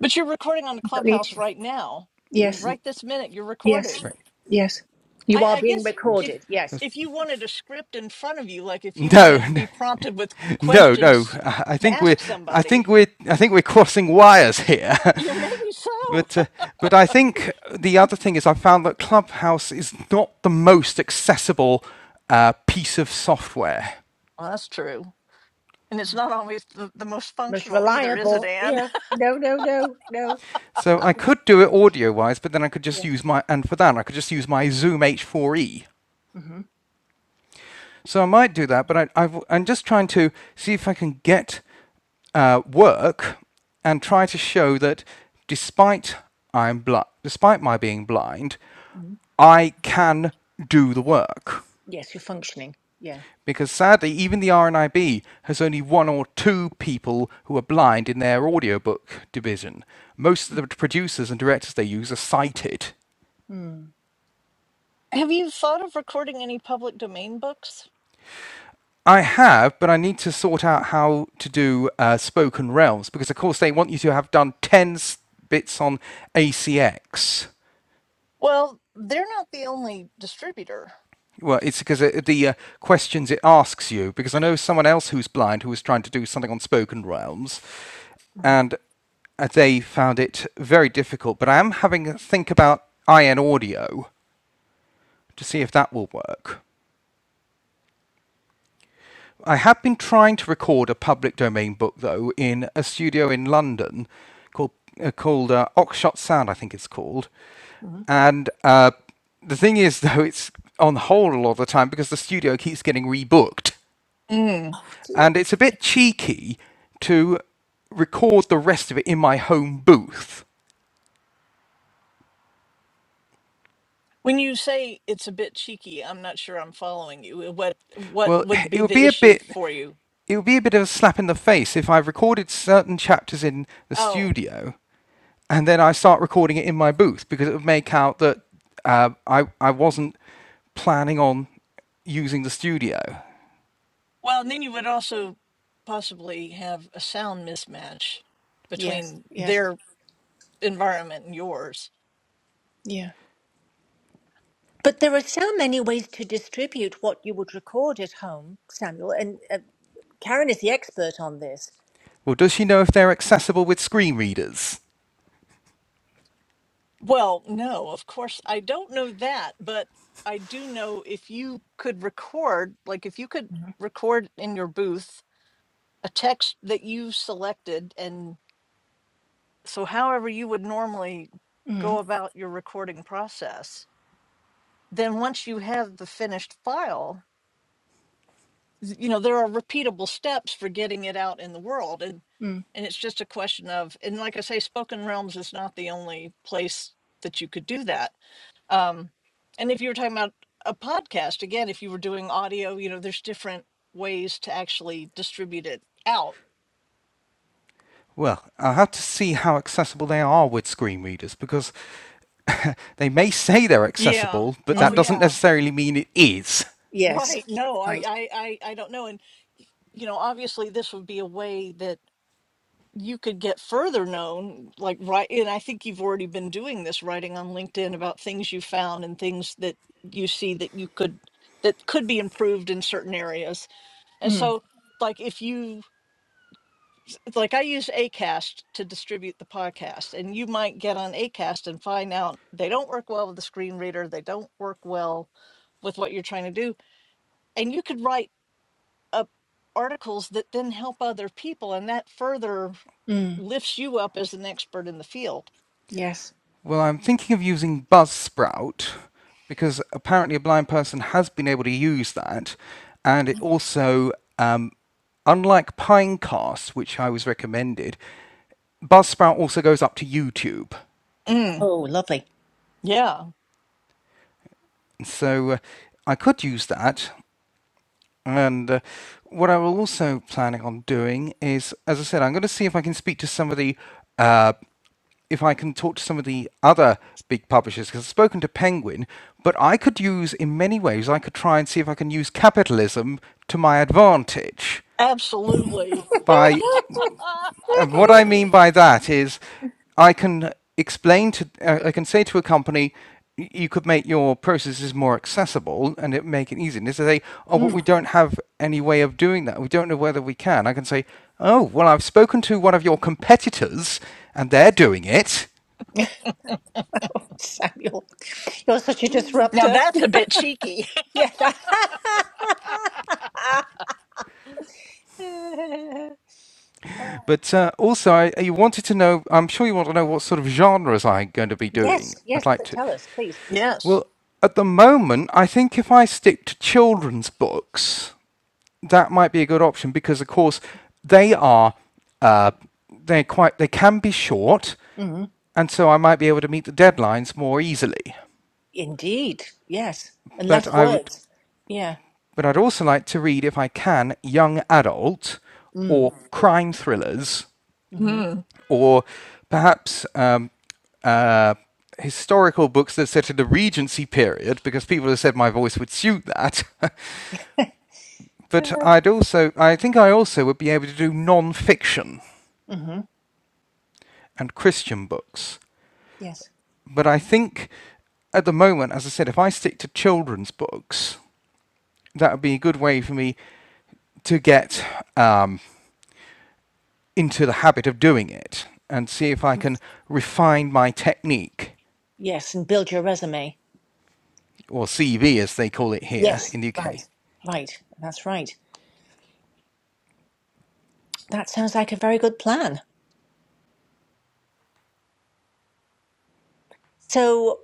Speaker 2: But you're recording on the
Speaker 1: You don't need
Speaker 2: Clubhouse
Speaker 1: to.
Speaker 2: right now.
Speaker 1: Yes.
Speaker 2: Right this minute you're recording.
Speaker 1: Yes.
Speaker 3: Right.
Speaker 1: Yes. You
Speaker 2: I,
Speaker 1: are
Speaker 2: I
Speaker 1: being
Speaker 2: guess if
Speaker 1: recorded. Yes.
Speaker 2: if you wanted a script in front of you, like if you
Speaker 3: No,
Speaker 2: wanted to be prompted with q-
Speaker 3: no, no.
Speaker 2: questions
Speaker 3: I I
Speaker 2: to
Speaker 3: think we're,
Speaker 2: ask
Speaker 3: I think
Speaker 2: somebody,
Speaker 3: we're, I think we're crossing wires here.
Speaker 2: you know, maybe so.
Speaker 3: but, uh, but I think the other thing is I found that Clubhouse is not the most accessible uh, piece of software.
Speaker 2: Well, that's true. And it's not always the, the most
Speaker 1: most
Speaker 2: functional either, is it,
Speaker 1: reliable.
Speaker 2: Anne?
Speaker 1: Yeah. No, no, no, no.
Speaker 3: So I could do it audio-wise, but then I could just
Speaker 1: Yeah.
Speaker 3: use my, and for that I could just use my Zoom H4e
Speaker 1: Mm-hmm.
Speaker 3: So I might do that, but I, I've, I'm just trying to see if I can get uh, work and try to show that despite I'm bl- despite my being blind,
Speaker 1: hmm
Speaker 3: I can do the work.
Speaker 1: Yes, you're functioning. Yeah.
Speaker 3: Because sadly, even the RNIB has only one or two people who are blind in their audiobook division. Most of the producers and directors they use are sighted.
Speaker 1: Mm-hmm.
Speaker 2: Have you thought of recording any public domain books?
Speaker 3: I have, but I need to sort out how to do uh, spoken realms because, of course, they want you to have done 10 s- bits on ACX.
Speaker 2: Well, they're not the only distributor.
Speaker 3: Well, it's because of the uh, questions it asks you. Because I know someone else who's blind who was trying to do something on spoken realms, and uh, they found it very difficult. But I am having a think about IN audio to see if that will work. I have been trying to record a public domain book though in a studio in London called uh, called uh, Oxshot Sound, I think it's called.
Speaker 1: hmm
Speaker 3: And uh, the thing is though, it's on hold a lot of the time because the studio keeps getting rebooked,
Speaker 2: Mm.
Speaker 1: Oh, dear.
Speaker 3: and it's a bit cheeky to record the rest of it in my home booth.
Speaker 2: When you say it's a bit cheeky, I'm not sure I'm following you. uh, What what
Speaker 3: Well,
Speaker 2: would
Speaker 3: it
Speaker 2: be
Speaker 3: would
Speaker 2: the
Speaker 3: be a
Speaker 2: issue
Speaker 3: bit
Speaker 2: for you?
Speaker 3: it would be a bit of a slap in the face if I recorded certain chapters in the
Speaker 2: Oh.
Speaker 3: studio and then I start recording it in my booth because it would make out that uh, I I wasn't planning on using the studio.
Speaker 2: Well, and then you would also possibly have a sound mismatch
Speaker 1: Yes,
Speaker 2: between
Speaker 1: yes,
Speaker 2: their environment and yours.
Speaker 1: yeah. But there are so many ways to distribute what you would record at home, Samuel, and uh, Karen is the expert on this.
Speaker 3: Well, does she know if they're accessible with screen readers?
Speaker 2: Well, no, of course, I don't know that, but I do know if you could record, like if you could
Speaker 1: Mm-hmm.
Speaker 2: record in your booth a text that you selected, and so however you would normally go
Speaker 1: Mm-hmm.
Speaker 2: about your recording process, then once you have the finished file, you know there are repeatable steps for getting it out in the world and
Speaker 1: mm
Speaker 2: and it's just a question of and like i say spoken realms is not the only place that you could do that um and if you were talking about a podcast again if you were doing audio you know there's different ways to actually distribute it out
Speaker 3: Well, I'll have to see how accessible they are with screen readers because they may say they're
Speaker 2: yeah
Speaker 3: accessible, but
Speaker 2: oh
Speaker 3: that
Speaker 1: Mm.
Speaker 3: doesn't
Speaker 2: yeah
Speaker 3: necessarily mean it is.
Speaker 2: right
Speaker 1: Yes.
Speaker 2: no i
Speaker 1: Right.
Speaker 2: i i, I don't know and you know obviously this would be a way that. you could get further known like right and i think you've already been doing this writing on linkedin about things you found and things that you see that you could that could be improved in certain areas and
Speaker 1: mm
Speaker 2: so like if you like i use acast to distribute the podcast and you might get on acast and find out they don't work well with the screen reader they don't work well with what you're trying to do and you could write up articles that then help other people and that further
Speaker 1: Mm.
Speaker 2: lifts you up as an expert in the field
Speaker 1: Yes.
Speaker 3: Well, I'm thinking of using Buzzsprout because apparently a blind person has been able to use that. And it also, um, unlike Pinecast, which I was recommended, Buzzsprout also goes up to YouTube.
Speaker 2: Mm,
Speaker 1: Oh, lovely.
Speaker 2: yeah,
Speaker 3: So uh, I could use that. And uh, what I will also planning on doing is, as I said, I'm going to see if I can speak to some of the, uh, if I can talk to some of the other big publishers because I've spoken to Penguin, but I could use in many ways. I could try and see if I can use capitalism to my advantage
Speaker 2: absolutely.
Speaker 3: by and what I mean by that is I can explain to, uh, I can say to a company, you could make your processes more accessible and it make it easier. And they say, oh, but
Speaker 1: Mm.
Speaker 3: we don't have any way of doing that. We don't know whether we can. I can say, oh, well, I've spoken to one of your competitors and they're doing it.
Speaker 1: Samuel, you're such a
Speaker 2: now
Speaker 1: disruptor.
Speaker 2: that's a bit cheeky.
Speaker 1: Yes.
Speaker 3: But uh, also, I, you wanted to know, I'm sure you want to know what sort of genres I'm going to be doing.
Speaker 1: yes,
Speaker 3: I'd
Speaker 1: yes,
Speaker 3: like
Speaker 1: but
Speaker 3: to.
Speaker 1: tell us, please.
Speaker 2: Yes.
Speaker 3: Well, at the moment, I think if I stick to children's books, that might be a good option because, of course, they are uh, they quite they can be short,
Speaker 1: hmm
Speaker 3: and so I might be able to meet the deadlines more easily.
Speaker 1: Indeed, yes. And
Speaker 3: But
Speaker 1: less
Speaker 3: I would,
Speaker 1: words. Yeah.
Speaker 3: but I'd also like to read, if I can, young adult
Speaker 1: Mm.
Speaker 3: or crime thrillers
Speaker 1: hmm
Speaker 2: Mm,
Speaker 3: or perhaps um, uh, historical books that are set in the Regency period because people have said my voice would suit that. But I'd also, I think I also would be able to do non-fiction
Speaker 1: hmm
Speaker 3: and Christian books.
Speaker 1: Yes.
Speaker 3: But I think at the moment, as I said, if I stick to children's books, that would be a good way for me to get um, into the habit of doing it and see if I can refine my technique,
Speaker 1: Yes, and build your resume.
Speaker 3: or CV as they call it here
Speaker 1: Yes.
Speaker 3: in the UK.
Speaker 1: Right. Right. That's right. That sounds like a very good plan. So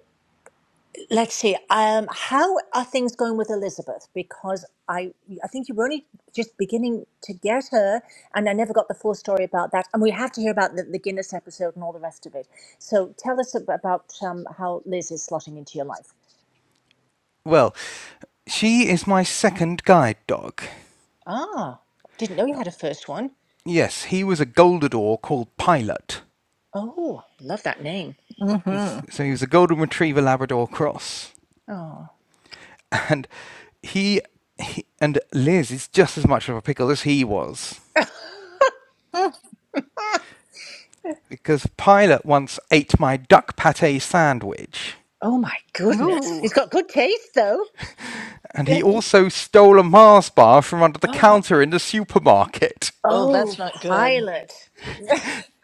Speaker 1: Let's see. Um, how are things going with Elizabeth? Because I, I think you were only just beginning to get her, and I never got the full story about that. And we have to hear about the, the Guinness episode and all the rest of it. So tell us ab- about um, how Liz is slotting into your life.
Speaker 3: Well, she is my second guide dog.
Speaker 1: Ah, didn't know you had a first one.
Speaker 3: Yes, he was a Goldador called Pilot.
Speaker 1: Oh, love that name.
Speaker 3: Yes,
Speaker 2: mm-hmm.
Speaker 3: So he was a Golden Retriever Labrador cross.
Speaker 1: Oh,
Speaker 3: And he, he and Liz is just as much of a pickle as he was.
Speaker 2: Hmm.
Speaker 3: because Pilate once ate my duck pate sandwich.
Speaker 1: oh my goodness,
Speaker 2: Ooh.
Speaker 1: he's got good taste though.
Speaker 3: And he also stole a Mars bar from under the
Speaker 1: Oh,
Speaker 3: counter in the supermarket.
Speaker 2: Oh,
Speaker 1: oh,
Speaker 2: that's not good.
Speaker 1: pilot.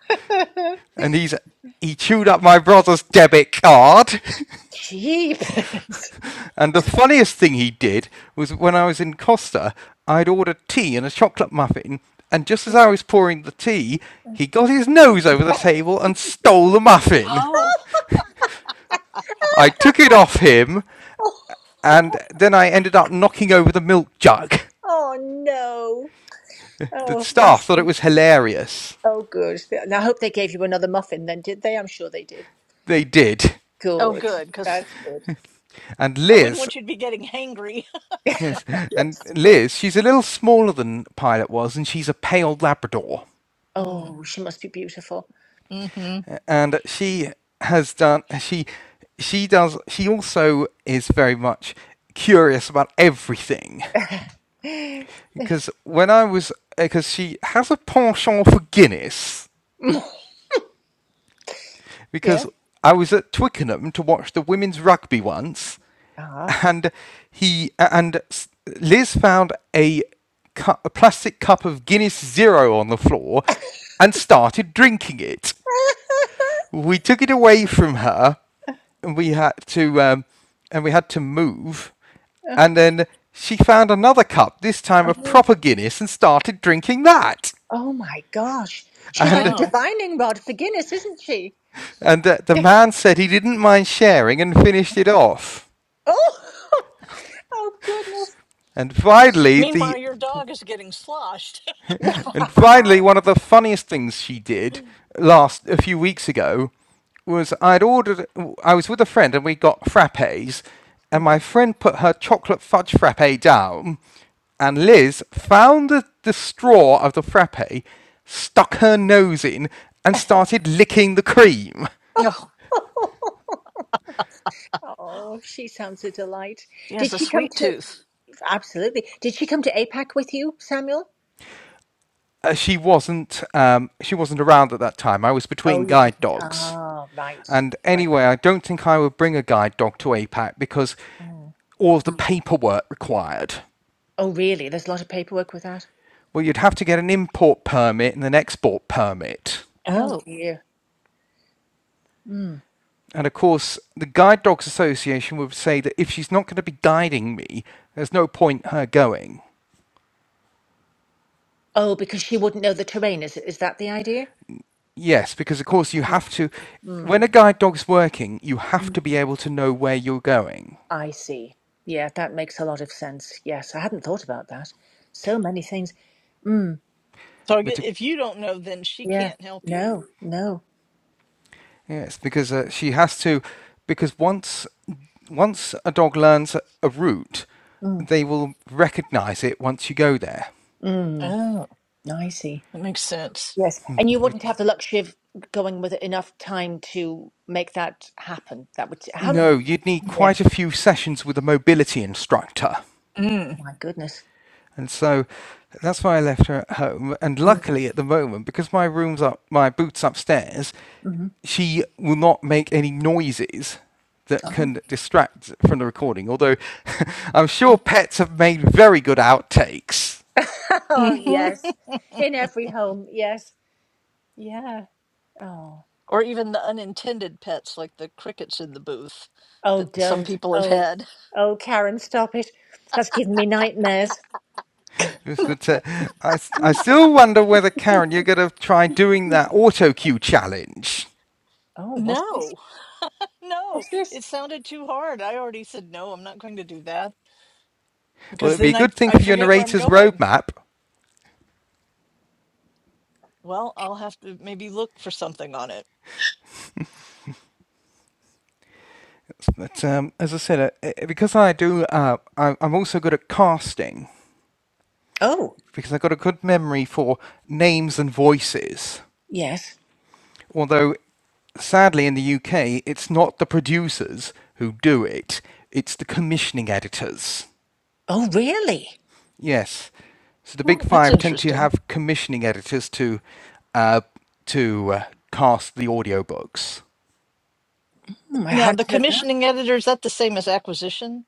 Speaker 3: And he's he chewed up my brother's debit card.
Speaker 1: Jeepers.
Speaker 3: And the funniest thing he did was when I was in Costa, I'd ordered tea and a chocolate muffin, and just as I was pouring the tea, he got his nose over the table and stole the muffin.
Speaker 2: Oh,
Speaker 3: I took it off him, and then I ended up knocking over the milk jug.
Speaker 1: Oh no.
Speaker 3: The
Speaker 1: Oh,
Speaker 3: staff thought it
Speaker 1: master.
Speaker 3: was hilarious.
Speaker 1: Oh, good. And I hope they gave you another muffin then, did they? I'm sure they did.
Speaker 3: They did.
Speaker 2: oh,
Speaker 1: Good.
Speaker 2: good, because
Speaker 1: That's good.
Speaker 3: And
Speaker 2: I wouldn't
Speaker 3: Liz,
Speaker 2: want you to be getting hangry.
Speaker 3: yes, and
Speaker 1: Yes. Yes.
Speaker 3: Liz, she's a little smaller than Pilot was, and she's a pale Labrador.
Speaker 2: mm,
Speaker 1: Oh, she must be beautiful.
Speaker 2: mm-hmm.
Speaker 3: And she has done, she, she does, she also is very much curious about everything. Because when I was, because she has a penchant for Guinness.
Speaker 1: yeah.
Speaker 3: because I was at Twickenham to watch the women's rugby once,
Speaker 1: Uh-huh.
Speaker 3: and he and Liz found a cu- a plastic cup of Guinness Zero on the floor and started drinking it. We took it away from her, and we had to um, and we had to move,
Speaker 1: Uh,
Speaker 3: and then she found another cup, this time of
Speaker 1: oh,
Speaker 3: proper Guinness, and started drinking that.
Speaker 1: oh my gosh. She's like
Speaker 3: And
Speaker 1: a
Speaker 2: Wow.
Speaker 1: divining rod for Guinness, isn't she?
Speaker 3: and uh, the
Speaker 1: Yeah.
Speaker 3: man said he didn't mind sharing and finished it off.
Speaker 1: Oh, oh goodness.
Speaker 3: And finally, the
Speaker 2: Meanwhile, your dog is getting sloshed.
Speaker 1: Yeah.
Speaker 3: and finally, one of the funniest things she did last a few weeks ago was I'd ordered. I was with a friend and we got frappes, and my
Speaker 1: Mm.
Speaker 3: friend put her chocolate fudge frappe down, and Liz found the, the straw of the frappe, stuck her nose in, and started licking the cream.
Speaker 2: oh,
Speaker 1: oh, she sounds a delight.
Speaker 2: she
Speaker 1: Did
Speaker 2: has a
Speaker 1: she come
Speaker 2: sweet
Speaker 1: to?
Speaker 2: tooth.
Speaker 1: Absolutely. Did she come to APAC with you, Samuel?
Speaker 3: uh, she wasn't um, she wasn't around at that time. I was
Speaker 1: Oh,
Speaker 3: between
Speaker 1: you
Speaker 3: guide
Speaker 1: didn't.
Speaker 3: dogs,
Speaker 1: Ah, right.
Speaker 3: and
Speaker 1: Right.
Speaker 3: anyway, I don't think I would bring a guide dog to APAC because
Speaker 1: Oh.
Speaker 3: all of the
Speaker 1: Mm.
Speaker 3: paperwork required.
Speaker 1: oh, really? There's a lot of paperwork with that.
Speaker 3: Well, you'd have to get an import permit and an export permit.
Speaker 1: Oh
Speaker 2: Oh.
Speaker 1: dear. Mm.
Speaker 3: And of course, the Guide Dogs Association would say that if she's not going to be guiding me, there's no point her going.
Speaker 1: Oh, because she wouldn't know the terrain. Is is that the idea?
Speaker 3: Yes, because of course you
Speaker 1: Mm.
Speaker 3: have to,
Speaker 1: Mm.
Speaker 3: when a guide dog's working, you have
Speaker 1: Mm.
Speaker 3: to be able to know where you're going.
Speaker 1: I see. Yeah, that makes a lot of sense. Yes, I hadn't thought about that. So many things. Mm.
Speaker 2: So I gue-
Speaker 3: But
Speaker 2: if you don't know, then she
Speaker 1: Yeah.
Speaker 2: can't help you.
Speaker 1: No. No.
Speaker 3: Yes, because uh, she has to, because once once a dog learns a route,
Speaker 1: Mm.
Speaker 3: they will recognise it once you go there.
Speaker 1: Mm.
Speaker 2: Oh,
Speaker 1: I see.
Speaker 2: that makes sense.
Speaker 1: Yes, and you
Speaker 3: You-
Speaker 1: wouldn't have the luxury of going with enough time to make that happen. That would how?
Speaker 3: No,
Speaker 1: mu-
Speaker 3: you'd need
Speaker 1: Yeah,
Speaker 3: quite a few sessions with a mobility instructor,
Speaker 2: Mm.
Speaker 1: my goodness.
Speaker 3: and so that's why I left her at home. And luckily, at the moment, because my room's up, my boots upstairs,
Speaker 1: Mm-hmm.
Speaker 3: she will not make any noises that
Speaker 1: Oh.
Speaker 3: can distract from the recording. Although I'm sure pets have made very good outtakes.
Speaker 1: oh
Speaker 2: Mm-hmm.
Speaker 1: yes, in every home. Yes, yeah. Oh,
Speaker 2: or even the unintended pets like the crickets in the booth
Speaker 1: oh,
Speaker 2: that some
Speaker 1: don't.
Speaker 2: people have
Speaker 1: Oh,
Speaker 2: had.
Speaker 1: oh, Karen, stop it. That's giving me nightmares.
Speaker 3: It's the te- I, s- I still wonder whether, Karen, you're going to try doing that auto cue challenge.
Speaker 1: Oh, what's this?
Speaker 2: No, no,
Speaker 1: What's this?
Speaker 2: it sounded too hard. I already said no, I'm not going to do that
Speaker 3: Well,
Speaker 2: because
Speaker 3: it'd be a
Speaker 2: then I'd
Speaker 3: good thing for
Speaker 2: I'd
Speaker 3: your
Speaker 2: forget where I'm
Speaker 3: narrator's
Speaker 2: going.
Speaker 3: roadmap.
Speaker 2: Well, I'll have to maybe look for something on it.
Speaker 3: But um, as I said, uh, eh, because I do, uh, I, I'm also good at casting
Speaker 1: Oh,
Speaker 3: because I've got a good memory for names and voices.
Speaker 1: yes.
Speaker 3: Although, sadly, in the UK, it's not the producers who do it; it's the commissioning editors.
Speaker 1: Oh, really?
Speaker 3: Yes. So the big
Speaker 1: Oh,
Speaker 2: That's
Speaker 3: five tend to
Speaker 2: interesting.
Speaker 3: have commissioning editors to uh, to uh, cast the audiobooks.
Speaker 1: Hmm, I
Speaker 2: Now, the
Speaker 1: hadn't heard that.
Speaker 2: commissioning editor, is that the same as acquisition?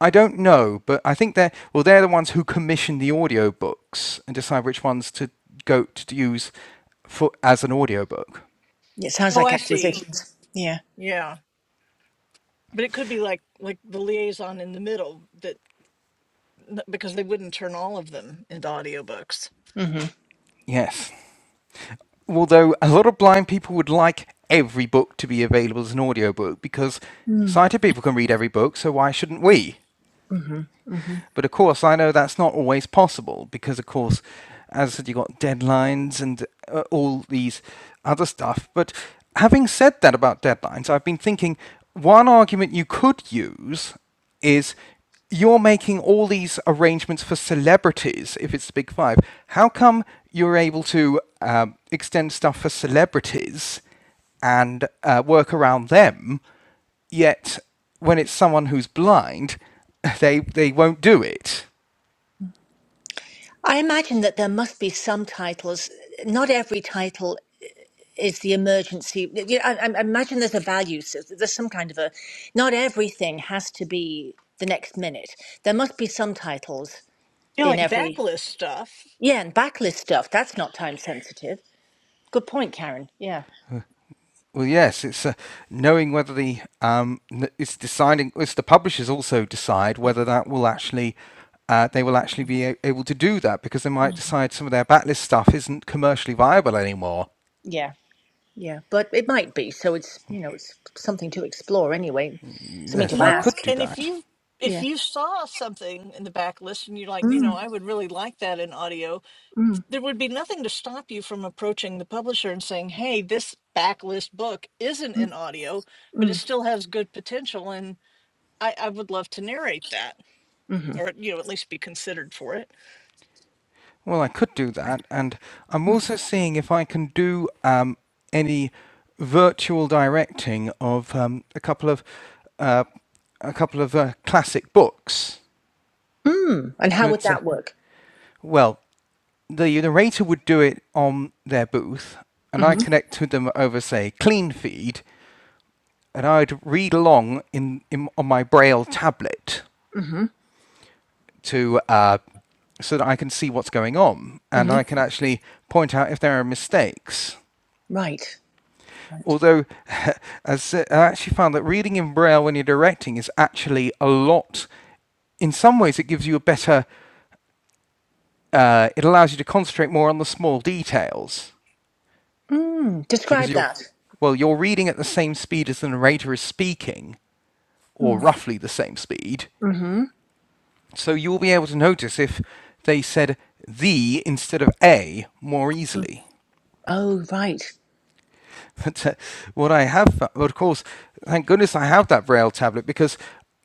Speaker 3: I don't know, but I think they're well, they're the ones who commission the audiobooks and decide which ones to go to use for as an audiobook.
Speaker 1: It sounds
Speaker 2: Oh,
Speaker 1: like
Speaker 2: I see.
Speaker 1: acquisitions. Yeah.
Speaker 2: Yeah. But it could be like like the liaison in the middle that because they wouldn't turn all of them into audiobooks.
Speaker 3: Yes. Although a lot of blind people would like every book to be available as an audiobook because
Speaker 1: Mm-hmm.
Speaker 3: sighted people can read every book, so why shouldn't we?
Speaker 1: Mm-hmm. Mm-hmm.
Speaker 3: But of course, I know that's not always possible because, of course, as I said, you've got deadlines and uh, all these other stuff. But having said that about deadlines, I've been thinking one argument you could use is you're making all these arrangements for celebrities if it's the big five. How come you're able to um, extend stuff for celebrities and uh, work around them, Yet, when it's someone who's blind, they they won't do it.
Speaker 1: I imagine that there must be some titles. Not every title is the emergency. You know, I, I imagine there's a value. So there's some kind of a. Not everything has to be the next minute. There must be some titles
Speaker 2: You know,
Speaker 1: in
Speaker 2: like
Speaker 1: every.
Speaker 2: backlist stuff.
Speaker 1: Yeah, and backlist stuff. That's not time sensitive. Good point, Karen. Yeah,
Speaker 3: Well, yes, it's uh, knowing whether the um, n- it's deciding. It's the publishers also decide whether that will actually uh, they will actually be a- able to do that because they might decide some of their backlist stuff isn't commercially viable anymore.
Speaker 1: yeah, yeah. But it might be. So it's you know it's something to explore anyway. Something
Speaker 3: Yes,
Speaker 1: to
Speaker 3: well, I
Speaker 2: Well,
Speaker 1: ask.
Speaker 3: could do
Speaker 2: And if
Speaker 3: that.
Speaker 2: you if
Speaker 1: Yeah.
Speaker 2: you saw something in the backlist and you're like, you know,
Speaker 1: Mm,
Speaker 2: I would really like that in audio, th-
Speaker 1: mm,
Speaker 2: there would be nothing to stop you from approaching the publisher and saying, "Hey, this backlist book isn't
Speaker 1: mm,
Speaker 2: in audio, but it
Speaker 1: mm,
Speaker 2: still has good potential and I, I would love to narrate that.
Speaker 1: mm-hmm.
Speaker 2: or you know at least be considered for it
Speaker 3: Well, I could do that, and I'm
Speaker 1: mm.
Speaker 3: also seeing if I can do um, any virtual directing of um, a couple of uh, a couple of uh, classic books.
Speaker 1: Mm. And how would
Speaker 3: But uh,
Speaker 1: that work?
Speaker 3: well, the narrator would do it on their booth, and I
Speaker 1: hmm
Speaker 3: connect to them over, say, Clean Feed, and I'd read along in, in on my braille tablet
Speaker 1: hmm
Speaker 3: to uh, so that I can see what's going on, and
Speaker 1: hmm
Speaker 3: I can actually point out if there are mistakes.
Speaker 1: Right. Right.
Speaker 3: although as uh, I actually found that reading in braille when you're directing is actually a lot. In some ways, it gives you a better. Uh, it allows you to concentrate more on the small details
Speaker 1: Mm.
Speaker 3: because
Speaker 1: Describe
Speaker 3: you're
Speaker 1: that.
Speaker 3: well, you're reading at the same speed as the narrator is speaking, or
Speaker 1: Mm.
Speaker 3: roughly the same speed.
Speaker 1: hmm
Speaker 3: So you'll be able to notice if they said the instead of a more easily.
Speaker 1: Oh, right.
Speaker 3: But what I have, but of course, thank goodness I have that Braille tablet because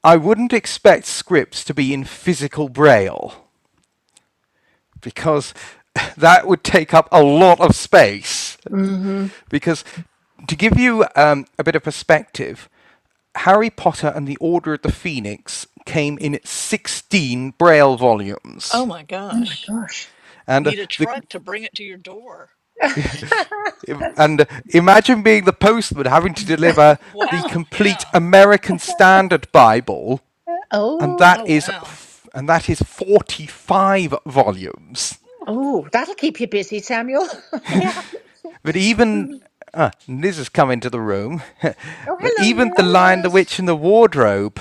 Speaker 3: I wouldn't expect scripts to be in physical Braille because that would take up a lot of space.
Speaker 1: hmm
Speaker 3: Because to give you um, a bit of perspective, Harry Potter and the Order of the Phoenix came in 16 Braille volumes.
Speaker 2: oh my
Speaker 1: Oh my
Speaker 2: gosh
Speaker 1: gosh.
Speaker 3: And uh,
Speaker 2: need a
Speaker 3: the
Speaker 2: truck to bring it to your door
Speaker 3: Im- And uh, imagine being the postman having to deliver the
Speaker 2: wow
Speaker 3: complete
Speaker 2: yeah
Speaker 3: American Standard Bible, and
Speaker 1: oh,
Speaker 3: that
Speaker 2: oh
Speaker 3: is
Speaker 2: wow
Speaker 3: f- and that is 45 volumes.
Speaker 1: oh, that'll keep you busy, Samuel.
Speaker 2: yeah
Speaker 3: But even
Speaker 1: Mhm.
Speaker 3: uh, Liz has come into the room.
Speaker 1: oh,
Speaker 3: but
Speaker 1: hello,
Speaker 3: even the
Speaker 2: hi
Speaker 1: Liz.
Speaker 3: Lion, the
Speaker 2: liz
Speaker 3: Witch, and the Wardrobe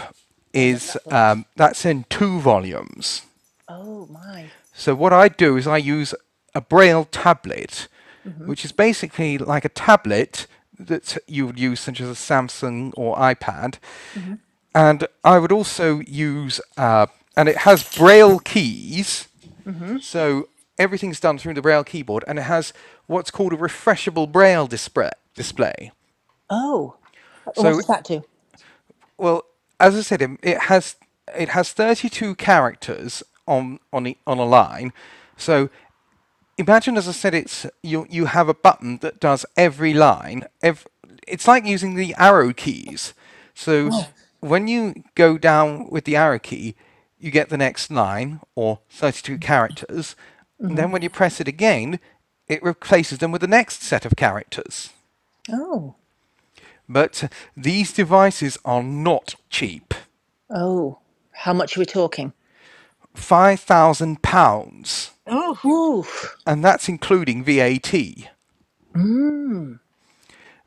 Speaker 1: Oh, I love
Speaker 3: is
Speaker 1: that book.
Speaker 3: um, that's in two volumes.
Speaker 1: Oh my.
Speaker 3: So what I do is I use a braille tablet,
Speaker 1: hmm
Speaker 3: which is basically like a tablet that you would use, such as a Samsung or iPad.
Speaker 1: hmm
Speaker 3: And I would also use, uh, and it has braille keys.
Speaker 1: hmm
Speaker 3: So everything's done through the braille keyboard, and it has what's called a refreshable braille display. display.
Speaker 1: Oh, what
Speaker 3: So,
Speaker 1: does that do?
Speaker 3: well, as I said, it, it has it has 32 characters on on the, on a line. So imagine as i said it's you you have a button that does every line ev it's like using the arrow keys so
Speaker 1: Oh.
Speaker 3: when you go down with the arrow key you get the next line or 32 characters and
Speaker 1: hmm
Speaker 3: then when you press it again it replaces them with the next set of characters
Speaker 1: Oh.
Speaker 3: but these devices are not cheap
Speaker 1: Oh. How much are we talking?
Speaker 3: 5000 pounds
Speaker 2: oh
Speaker 1: Oof.
Speaker 3: and that's including VAT
Speaker 1: Mm.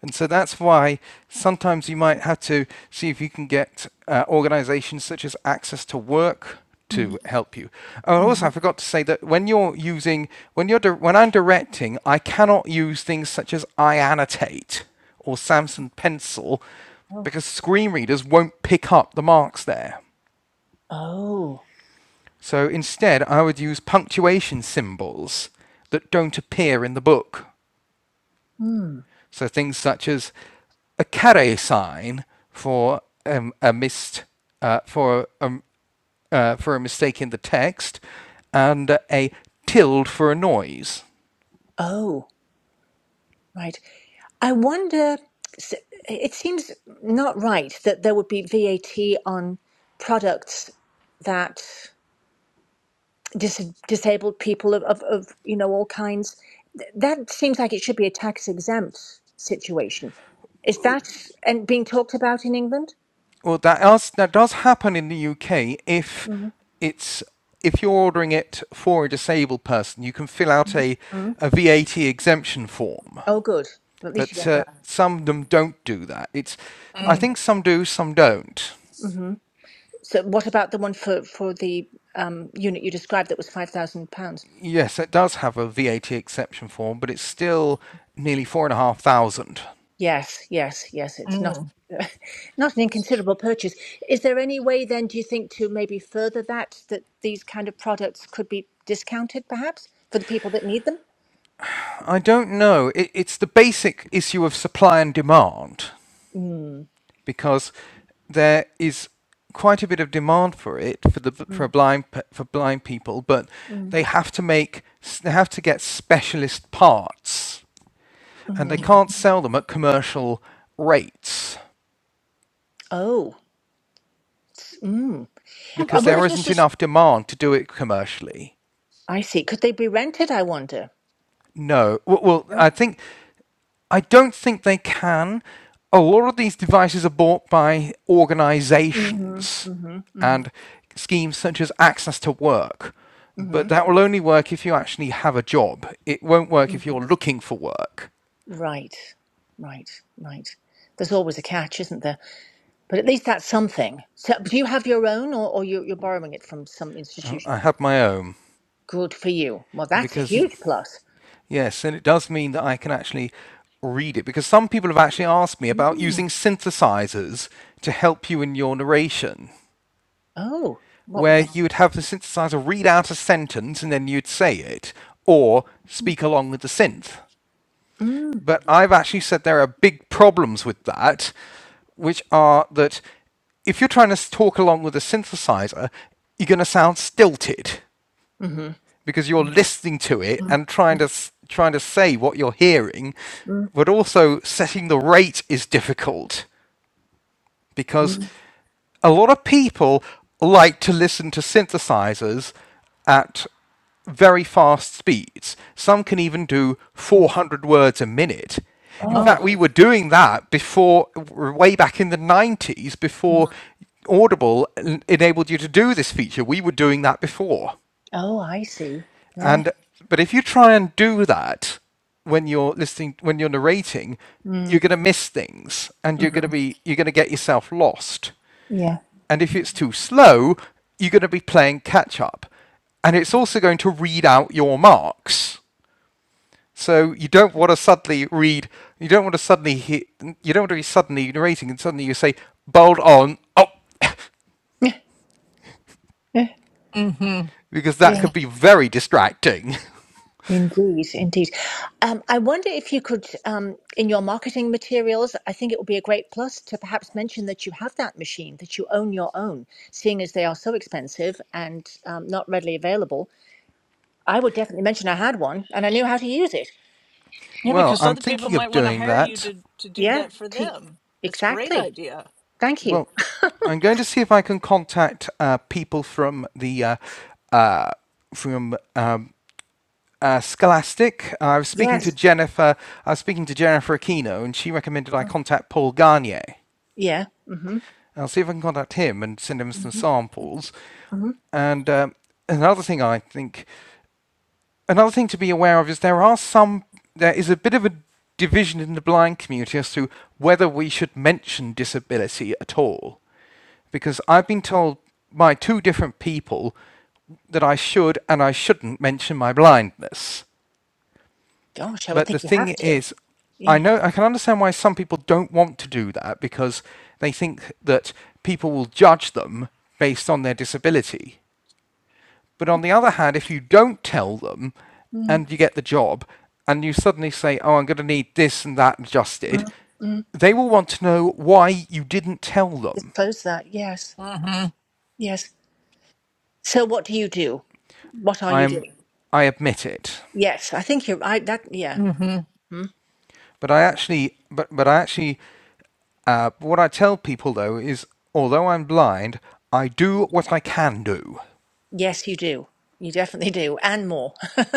Speaker 3: And so that's why sometimes you might have to see if you can get uh, organizations such as Access to Work
Speaker 1: Mm-hmm.
Speaker 3: to help you. Oh, also,
Speaker 1: Mm-hmm.
Speaker 3: I forgot to say that when you're using, when you're when I'm directing, I cannot use things such as iAnnotate or Samsung Pencil
Speaker 1: Oh.
Speaker 3: because screen readers won't pick up the marks there.
Speaker 1: Oh.
Speaker 3: So instead, I would use punctuation symbols that don't appear in the book.
Speaker 1: Mm.
Speaker 3: So things such as a carré sign for um, a mist uh, for um, uh, for a mistake in the text, and a tilde for a noise.
Speaker 1: Oh, right. I wonder, s- it seems not right that there would be VAT on products that dis- disabled people of, of, of, you know, all kinds. Th- That seems like it should be a tax exempt situation. Is that and being talked about in England?
Speaker 3: Well, that does, that does happen in the UK if
Speaker 1: hmm
Speaker 3: it's if you're ordering it for a disabled person, you can fill out a,
Speaker 1: hmm
Speaker 3: a VAT exemption form,
Speaker 1: Oh, good. Well, At least you
Speaker 3: but
Speaker 1: get
Speaker 3: uh,
Speaker 1: that.
Speaker 3: some of them don't do that. It's I
Speaker 2: mm,
Speaker 3: think some do, some don't.
Speaker 1: Mm-hmm. So, what about the one for for the um, unit you described that was five thousand pounds?
Speaker 3: Yes, it does have a VAT exception form, but it's still nearly four and a half thousand.
Speaker 1: Yes, yes, yes. It's not
Speaker 2: mm.
Speaker 1: not an inconsiderable purchase. Is there any way then, do you think, to maybe further that that these kind of products could be discounted, perhaps, for the people that need them?
Speaker 3: I don't know. It, it's the basic issue of supply and demand
Speaker 1: Mm.
Speaker 3: because there is quite a bit of demand for it for the for
Speaker 1: Mm.
Speaker 3: blind for blind people, but
Speaker 1: Mm.
Speaker 3: they have to make they have to get specialist parts, and they
Speaker 1: Mm.
Speaker 3: can't sell them at commercial rates
Speaker 1: Oh, s- mm.
Speaker 2: i
Speaker 1: I
Speaker 3: because
Speaker 2: wonder
Speaker 1: wonder.
Speaker 3: there
Speaker 2: if this
Speaker 3: isn't
Speaker 2: is
Speaker 3: enough demand to do it commercially.
Speaker 1: I see. Could they be rented? I wonder.
Speaker 3: No. Well, well, I think I don't think they can. A lot of these devices are bought by
Speaker 1: Mm-hmm.
Speaker 3: organizations
Speaker 1: hmm hmm
Speaker 3: and schemes such as Access to Work,
Speaker 1: hmm
Speaker 3: but that will only work if you actually have a job. It won't work
Speaker 1: hmm
Speaker 3: if you're looking for work.
Speaker 1: Right. Right. Right. There's always a catch, isn't there? But at least that's something. So, do you have your own, or, or you, you're borrowing it from some
Speaker 3: Uh,
Speaker 1: institution?
Speaker 3: I have my own
Speaker 1: Good for you. Well, that's a
Speaker 3: because,
Speaker 1: huge plus.
Speaker 3: yes, and it does mean that I can actually read it because some people have actually asked me about
Speaker 1: Mm.
Speaker 3: using synthesizers to help you in your narration.
Speaker 1: Oh, what would
Speaker 3: where you would have the synthesizer read out a sentence and then you'd say it, or
Speaker 1: that?
Speaker 3: speak along with the synth.
Speaker 1: Mm.
Speaker 3: But I've actually said there are big problems with that, which are that if you're trying to talk along with a synthesizer, you're going to sound stilted
Speaker 1: Mm-hmm.
Speaker 3: because you're listening to it and trying to trying to say what you're hearing,
Speaker 1: Mm.
Speaker 3: but also setting the rate is difficult because
Speaker 1: Mm.
Speaker 3: a lot of people like to listen to synthesizers at very fast speeds. Some can even do 400 words a minute. In
Speaker 1: Oh,
Speaker 3: fact,
Speaker 2: oh
Speaker 3: we were doing that before, way back in the 90s, before Audible enabled you to do this feature. We were doing that before.
Speaker 1: oh, I see. Yeah.
Speaker 3: And but if you try and do that when you're listening, when you're narrating,
Speaker 1: Mm.
Speaker 3: you're going to miss things, and you're going to
Speaker 1: Mm-hmm.
Speaker 3: be you're going to get yourself lost.
Speaker 1: Yeah.
Speaker 3: And if it's too slow, you're going to be playing catch up. And it's also going to read out your marks. So you don't want to suddenly read, you don't want to suddenly hit, you don't want to be suddenly narrating and suddenly you say, bold on, oh,
Speaker 2: mm-hmm
Speaker 3: because
Speaker 1: Yeah.
Speaker 3: that
Speaker 1: yeah.
Speaker 3: could be very distracting.
Speaker 1: Indeed, indeed. Um, I wonder if you could, um, in your marketing materials, I think it would be a great plus to perhaps mention that you have that machine, that you own your own, seeing as they are so expensive and um, not readily available. I would definitely mention I had one and I knew how to use it.
Speaker 2: yeah
Speaker 3: well,
Speaker 2: because
Speaker 3: I'm
Speaker 2: other people
Speaker 3: thinking of
Speaker 2: might want to
Speaker 3: doing
Speaker 2: hire you
Speaker 3: that.
Speaker 2: to to do
Speaker 1: Yeah,
Speaker 2: that for
Speaker 1: to,
Speaker 2: them that's a great
Speaker 1: exactly.
Speaker 2: idea
Speaker 1: Thank you.
Speaker 3: Well, I'm going to see if I can contact uh, people from the uh, uh, from um, uh, Scholastic. Uh, I was speaking to
Speaker 1: Yes.
Speaker 3: Jennifer. I was speaking to Jennifer Aquino, and she recommended I contact Paul Garnier.
Speaker 1: Yeah. Mm-hmm.
Speaker 3: I'll see if I can contact him and send him some
Speaker 1: Mm-hmm.
Speaker 3: samples.
Speaker 1: hmm
Speaker 3: And um, another thing I think, another thing to be aware of is there are some, there is a bit of a division in the blind community as to whether we should mention disability at all. Because I've been told by two different people that I should and I shouldn't mention my blindness.
Speaker 1: Gosh, I would
Speaker 3: But the
Speaker 1: think you
Speaker 3: thing
Speaker 1: have to.
Speaker 3: is, I
Speaker 1: Yeah.
Speaker 3: know I can understand why some people don't want to do that because they think that people will judge them based on their disability. But on the other hand, if you don't tell them
Speaker 1: mm
Speaker 3: and you get the job and you suddenly say, "Oh, I'm going to need this and that adjusted,"
Speaker 1: mm mm.
Speaker 3: they will want to know why you didn't tell them.
Speaker 1: Disclose that. Yes.
Speaker 2: mm-hmm
Speaker 1: Yes. So, what do you do? What are you
Speaker 3: I'm
Speaker 1: doing?
Speaker 3: I admit it.
Speaker 1: Yes, I think you're. I that yeah.
Speaker 2: mm-hmm
Speaker 1: Hmm?
Speaker 3: But I actually but but I actually Uh, what I tell people though is, although I'm blind, I do what I can do.
Speaker 1: Yes, you do. You definitely do, and more.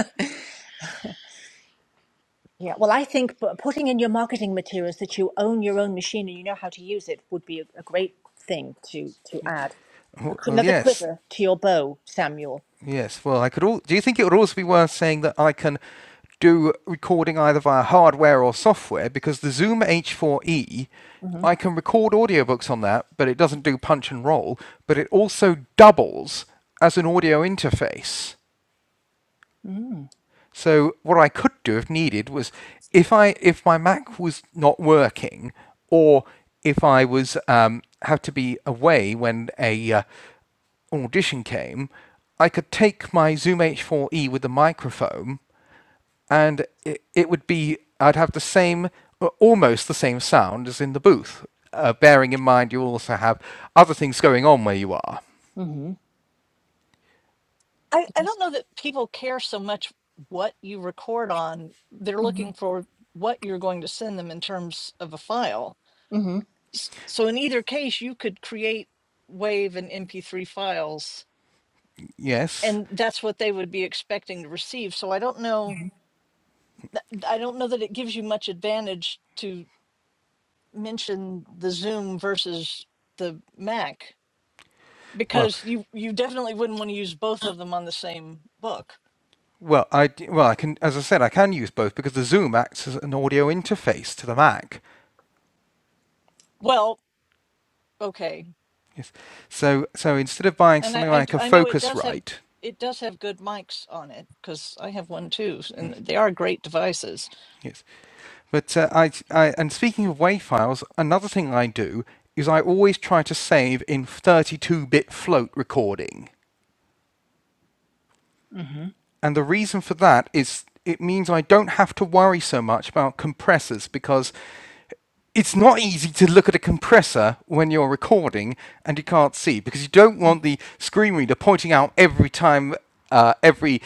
Speaker 1: yeah. Well, I think pu- putting in your marketing materials that you own your own machine and you know how to use it would be a, a great thing to to add a,
Speaker 3: Well,
Speaker 1: cri-
Speaker 3: well,
Speaker 1: another
Speaker 3: yes,
Speaker 1: quiver to your bow, Samuel.
Speaker 3: yes. Well, I could. All, do you think it would also be worth saying that I can do recording either via hardware or software? Because the Zoom H4e,
Speaker 1: Mm-hmm.
Speaker 3: I can record audiobooks on that, but it doesn't do punch and roll. But it also doubles as an audio interface.
Speaker 1: Mm-hmm.
Speaker 3: So what I could do if needed was if I if my Mac was not working or if I was um, had to be away when a uh, audition came, I could take my Zoom H4e with the microphone and it, it would be I'd have the same well, almost the same sound as in the booth. Uh, bearing in mind you also have other things going on where you are.
Speaker 1: Mm-hmm.
Speaker 2: I, I
Speaker 1: Yes.
Speaker 2: don't know that people care so much what you record on they're looking
Speaker 1: Mm-hmm.
Speaker 2: for what you're going to send them in terms of a file
Speaker 1: Mm-hmm.
Speaker 2: S- So in either case, you could create WAV and MP3 files,
Speaker 3: Yes.
Speaker 2: and that's what they would be expecting to receive. So I don't know. th- I don't know that it gives you much advantage to mention the Zoom versus the Mac
Speaker 3: Well,
Speaker 2: because you you definitely wouldn't want to use both of them on the same book.
Speaker 3: Well, I well I can as I said I can use both because the Zoom acts as an audio interface to the Mac.
Speaker 2: Well, okay,
Speaker 3: Yes. So so instead of buying
Speaker 2: and I
Speaker 3: something
Speaker 2: I,
Speaker 3: like
Speaker 2: d-
Speaker 3: a
Speaker 2: I know it does have
Speaker 3: Focusrite,
Speaker 2: it does have good mics on it because I have one too, and
Speaker 3: yes,
Speaker 2: they are great devices.
Speaker 3: yes. But uh, I, I and speaking of WAV files, another thing I do is I always try to save in 32-bit float recording,
Speaker 1: Mm-hmm.
Speaker 3: and the reason for that is it means I don't have to worry so much about compressors because it's not easy to look at a compressor when you're recording and you can't see because you don't want the screen reader pointing out every time uh, every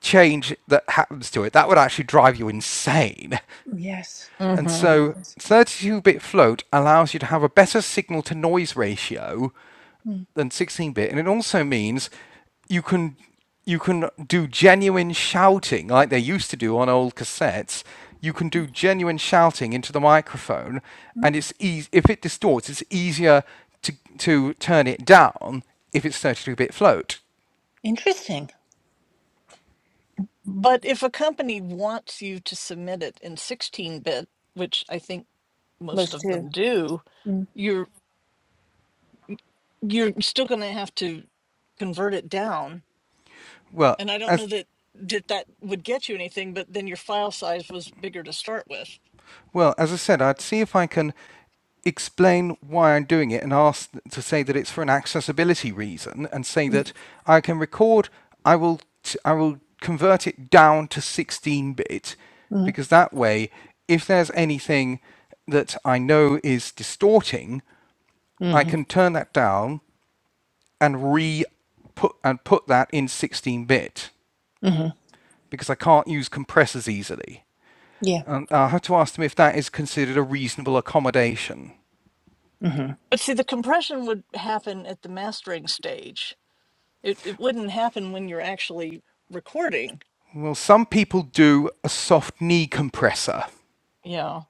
Speaker 3: change that happens to it. That would actually drive you insane.
Speaker 1: Yes.
Speaker 3: And so
Speaker 1: Yes.
Speaker 3: 32-bit float allows you to have a better signal to noise ratio
Speaker 1: Mm-hmm.
Speaker 3: than 16-bit, and it also means you can you can do genuine shouting like they used to do on old cassettes. You can do genuine shouting into the microphone, and it's easy if it distorts. It's easier to to turn it down if it's 32-bit float.
Speaker 1: Interesting.
Speaker 2: But if a company wants you to submit it in 16 bit, which I think most
Speaker 1: Most
Speaker 2: of
Speaker 1: do.
Speaker 2: them do,
Speaker 1: Mm-hmm.
Speaker 2: you're you're still going to have to convert it down.
Speaker 3: Well,
Speaker 2: And I don't know
Speaker 3: as
Speaker 2: that that that would get you anything, but then your file size was bigger to start with.
Speaker 3: Well, as I said, I'd see if I can explain why I'm doing it and ask to say that it's for an accessibility reason and say that I can record, I will, t- I will convert it down to 16 bit
Speaker 1: Mm-hmm.
Speaker 3: because that way, if there's anything that I know is distorting, I
Speaker 1: Mm-hmm.
Speaker 3: can turn that down and re put and put that in 16 bit
Speaker 1: Mm-hmm.
Speaker 3: because I can't use compressors easily.
Speaker 1: Yeah.
Speaker 3: And I'll have to ask them if that is considered a reasonable accommodation.
Speaker 1: Mm-hmm.
Speaker 2: But see, the compression would happen at the mastering stage. It it wouldn't happen when you're actually recording.
Speaker 3: Well, some people do a soft knee compressor.
Speaker 2: Yeah,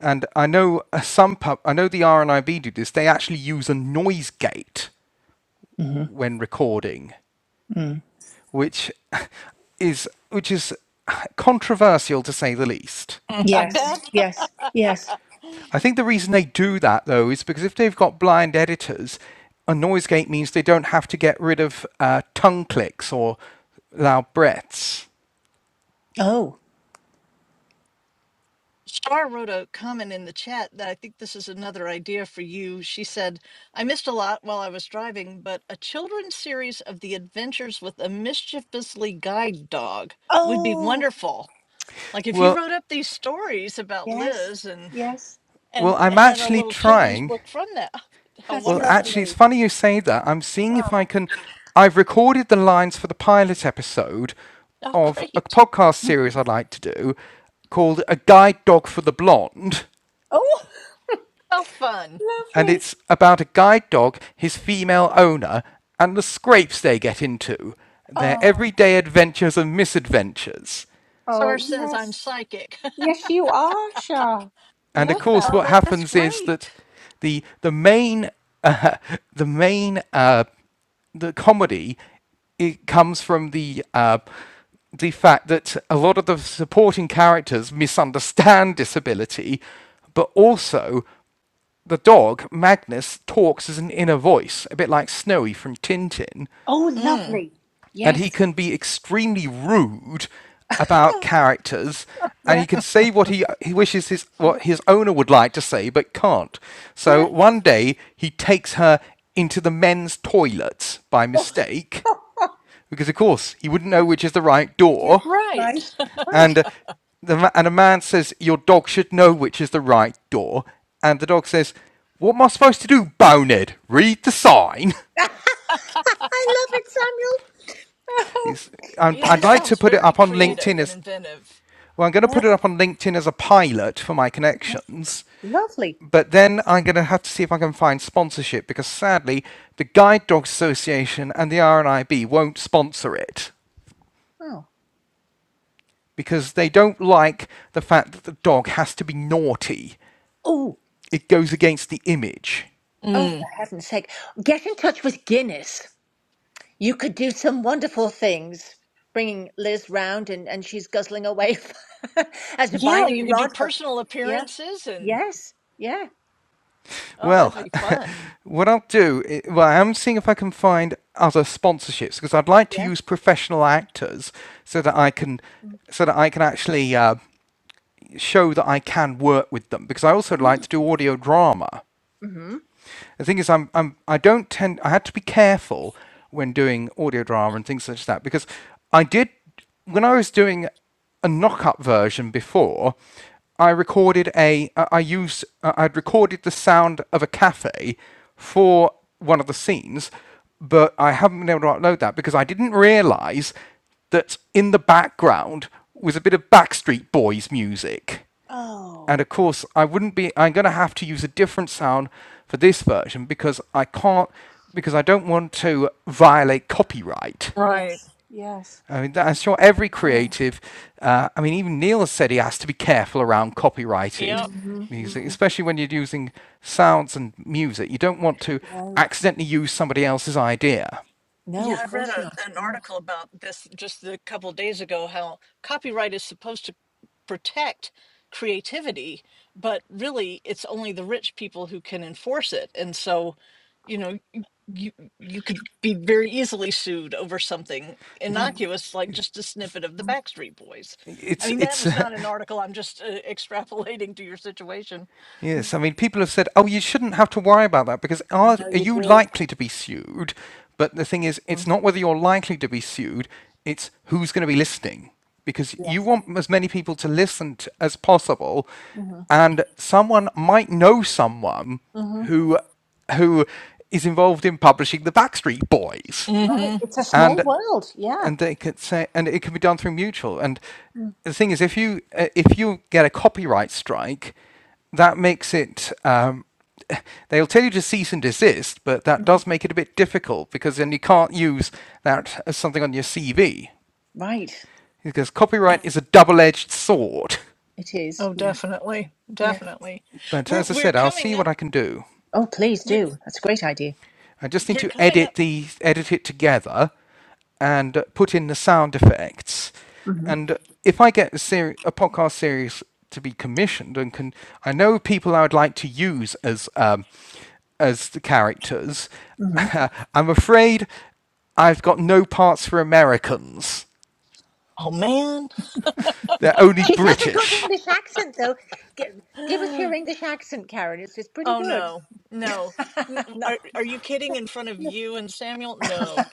Speaker 3: And I know uh, some pub, I know the RNIB do this. They actually use a noise gate
Speaker 1: Mm-hmm.
Speaker 3: when recording,
Speaker 1: Mm-hmm.
Speaker 3: which is which is controversial to say the least.
Speaker 2: Mm, I
Speaker 1: Yes, yes,
Speaker 2: bet.
Speaker 1: yes.
Speaker 3: I think the reason they do that though is because if they've got blind editors, a noise gate means they don't have to get rid of uh, tongue clicks or loud breaths.
Speaker 1: Oh,
Speaker 2: Star wrote a comment in the chat that I think this is another idea for you. She said, I missed a lot while I was driving, but a children's series of the adventures with a mischievously guide dog would be
Speaker 1: oh,
Speaker 2: wonderful. Like if you
Speaker 3: Well,
Speaker 2: wrote up these stories about
Speaker 1: yes,
Speaker 2: Liz and
Speaker 1: yes.
Speaker 3: well,
Speaker 2: and
Speaker 3: I'm
Speaker 2: had a
Speaker 3: actually
Speaker 2: little children's
Speaker 3: trying.
Speaker 2: book from that, how
Speaker 1: That's
Speaker 3: Well,
Speaker 2: wonderful.
Speaker 3: actually, it's
Speaker 1: lovely.
Speaker 3: funny you say that. I'm seeing
Speaker 1: Oh,
Speaker 3: if I can. I've recorded the lines for the pilot episode
Speaker 2: How
Speaker 3: of a
Speaker 2: great.
Speaker 3: podcast series I'd like to do called A Guide Dog for the Blonde.
Speaker 1: oh
Speaker 2: How fun.
Speaker 3: And
Speaker 1: lovely.
Speaker 3: it's about a guide dog, his female owner, and the scrapes they get into, their
Speaker 1: Oh,
Speaker 3: everyday adventures and misadventures.
Speaker 2: Star
Speaker 1: oh,
Speaker 2: says I'm
Speaker 1: yes,
Speaker 2: psychic.
Speaker 1: yes, you are, Shah.
Speaker 3: And of
Speaker 1: Love
Speaker 3: course,
Speaker 1: that.
Speaker 2: oh,
Speaker 3: what
Speaker 2: that that's
Speaker 3: happens is that
Speaker 2: great.
Speaker 3: the the main uh, the main uh, the comedy it comes from the uh, the fact that a lot of the supporting characters misunderstand disability, but also the dog Magnus talks as an inner voice, a bit like Snowy from Tintin
Speaker 1: Oh,
Speaker 2: Mm.
Speaker 1: lovely.
Speaker 3: and he
Speaker 1: Yes,
Speaker 3: can be extremely rude about
Speaker 2: Yeah,
Speaker 3: characters and he
Speaker 1: yes,
Speaker 3: can say what he, he wishes his
Speaker 1: yes,
Speaker 3: what his owner would like to say but can't so one
Speaker 1: yes,
Speaker 3: day he takes her into the men's toilets by mistake because of course he wouldn't know which is the right
Speaker 1: yes.
Speaker 3: door
Speaker 1: Right,
Speaker 2: right.
Speaker 1: right.
Speaker 3: and uh, the, and a man says your dog should know which is the right door and the dog says what am i supposed to do bonehead read the sign
Speaker 1: I love it,
Speaker 2: Yeah,
Speaker 3: I'd
Speaker 2: this
Speaker 3: like to
Speaker 2: sounds
Speaker 3: put it
Speaker 2: very
Speaker 3: up on
Speaker 1: Samuel.
Speaker 3: LinkedIn
Speaker 2: creative and
Speaker 3: as
Speaker 2: inventive.
Speaker 3: Well, I'm going to put it
Speaker 1: yes,
Speaker 3: up on LinkedIn as a pilot for my
Speaker 1: yes.
Speaker 3: connections,
Speaker 1: Lovely.
Speaker 3: but then I'm going to have to see if I can find sponsorship because sadly, the Guide Dogs Association and the RNIB won't sponsor it
Speaker 1: Oh,
Speaker 3: because they don't like the fact that the dog has to be naughty.
Speaker 1: oh,
Speaker 3: It goes against the image.
Speaker 1: oh, for
Speaker 2: Mm.
Speaker 1: heaven's sake. Get in touch with Guinness. You could do some wonderful things. Bringing Liz round and, and she's guzzling away as a
Speaker 2: Yeah, you
Speaker 1: binding
Speaker 2: could do
Speaker 1: rod for.
Speaker 2: personal
Speaker 1: Yeah.
Speaker 2: appearances and
Speaker 1: Yes. Yeah.
Speaker 2: oh, that'd
Speaker 3: Well,
Speaker 2: be fun.
Speaker 3: what I'll do, i- well, I am seeing if I can find other sponsorships because I'd like to
Speaker 1: Yeah.
Speaker 3: use professional actors so that I can, so that I can actually uh, show that I can work with them because I also like to do audio drama.
Speaker 1: Mm-hmm.
Speaker 3: The thing is, I'm, I'm I don't tend I had to be careful when doing audio drama and things such as that because I did when I was doing a knock-up version before. I recorded a. I used I- I'd recorded the sound of a cafe for one of the scenes, but I haven't been able to upload that because I didn't realise that in the background was a bit of Backstreet Boys music. And
Speaker 1: Oh,
Speaker 3: of course, I wouldn't be, I'm going to have to use a different sound for this version because I can't, because I don't want to violate copyright.
Speaker 2: Right.
Speaker 1: yes, yes.
Speaker 3: I mean, I'm sure every
Speaker 1: Oh,
Speaker 3: creative, uh, I mean, even Neil has said he has to be careful around copyrighted
Speaker 2: Yep.
Speaker 1: Mm-hmm.
Speaker 3: music,
Speaker 1: hmm
Speaker 3: especially when you're using sounds and music. You don't want to
Speaker 1: No.
Speaker 3: accidentally use somebody else's idea.
Speaker 1: No, of
Speaker 2: Yeah, I read
Speaker 1: course
Speaker 2: a,
Speaker 1: not.
Speaker 2: an
Speaker 1: Yeah.
Speaker 2: article about this just a couple days ago how copyright is supposed to protect creativity, but really it's only the rich people who can enforce it. And so, you know, y- you you could be very easily sued over something
Speaker 1: Mm-hmm.
Speaker 2: innocuous like just a snippet of the Backstreet Boys. I
Speaker 3: It's,
Speaker 2: mean, that
Speaker 3: it's,
Speaker 2: was not an article. I'm just uh, extrapolating to your situation.
Speaker 3: Yes, I mean, people have said, oh, you shouldn't have to worry about that because are,
Speaker 1: No,
Speaker 3: are
Speaker 1: you
Speaker 3: you
Speaker 1: do.
Speaker 3: likely to be sued? But the thing is, it's
Speaker 1: Mm,
Speaker 3: not whether you're likely to be sued, it's who's going to be listening. Because you
Speaker 1: Yes.
Speaker 3: want as many people to listen to, as possible,
Speaker 1: hmm
Speaker 3: and someone might know someone
Speaker 1: hmm
Speaker 3: who who is involved in publishing the Backstreet Boys
Speaker 1: Right.
Speaker 2: hmm
Speaker 1: It's a small
Speaker 3: and
Speaker 1: world. Yeah.
Speaker 3: and they could say and it can be done through mutual. And the thing is, if you uh, if you get a copyright strike, that makes it. Um, they'll tell you to cease and desist, but that
Speaker 1: Mm-hmm.
Speaker 3: does make it a bit difficult because then you can't use that as something on your CV
Speaker 1: Right.
Speaker 3: because
Speaker 1: Yeah,
Speaker 3: copyright is a double-edged sword.
Speaker 1: it is.
Speaker 2: Oh,
Speaker 1: Yes.
Speaker 2: definitely,
Speaker 1: yeah.
Speaker 2: definitely.
Speaker 3: But
Speaker 2: We're
Speaker 3: as I
Speaker 2: we're
Speaker 3: said, I'll
Speaker 2: coming
Speaker 3: see what
Speaker 2: up.
Speaker 3: I can do.
Speaker 1: Oh, please
Speaker 2: We're
Speaker 1: do. That's a great idea.
Speaker 3: I just need
Speaker 2: we're
Speaker 3: to
Speaker 2: coming
Speaker 3: edit
Speaker 2: up.
Speaker 3: the edit it together and uh, put in the sound effects.
Speaker 1: hmm
Speaker 3: And if I get a, seri- a podcast series to be commissioned, and can I know people I would like to use as um, as the characters,
Speaker 1: hmm
Speaker 3: I'm afraid I've got no parts for Americans.
Speaker 2: Oh man.
Speaker 3: They're only
Speaker 1: She does a good
Speaker 3: British.
Speaker 1: English accent, though. Give, give us your English accent, Karen. It's, it's pretty
Speaker 2: Oh
Speaker 1: good.
Speaker 2: no, no. N-
Speaker 1: no.
Speaker 2: Are are you kidding? In front of you and Samuel? No.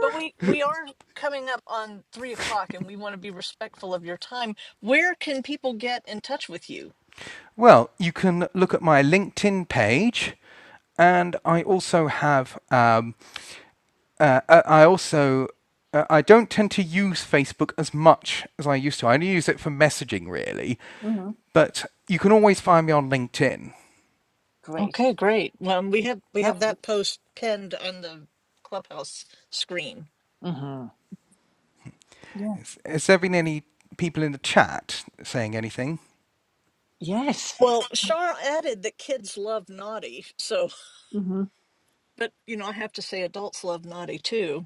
Speaker 2: But we we are coming up on three o'clock, and we want to be respectful of your time. Where can people get in touch with you?
Speaker 3: Well, you can look at my LinkedIn page, and I also have um, Uh, I also uh, I don't tend to use Facebook as much as I used to. I only use it for messaging really,
Speaker 1: hmm
Speaker 3: but you can always find me on LinkedIn.
Speaker 1: Great.
Speaker 2: Okay, great. Well, we have we
Speaker 1: That.
Speaker 2: have that post pinned on the clubhouse screen.
Speaker 1: Mm-hmm. Yeah.
Speaker 3: Is, has there been any people in the chat saying anything?
Speaker 1: Yes.
Speaker 2: Well, Shar added that kids love naughty, so
Speaker 1: hmm
Speaker 2: but you know, I have to say, adults love naughty too.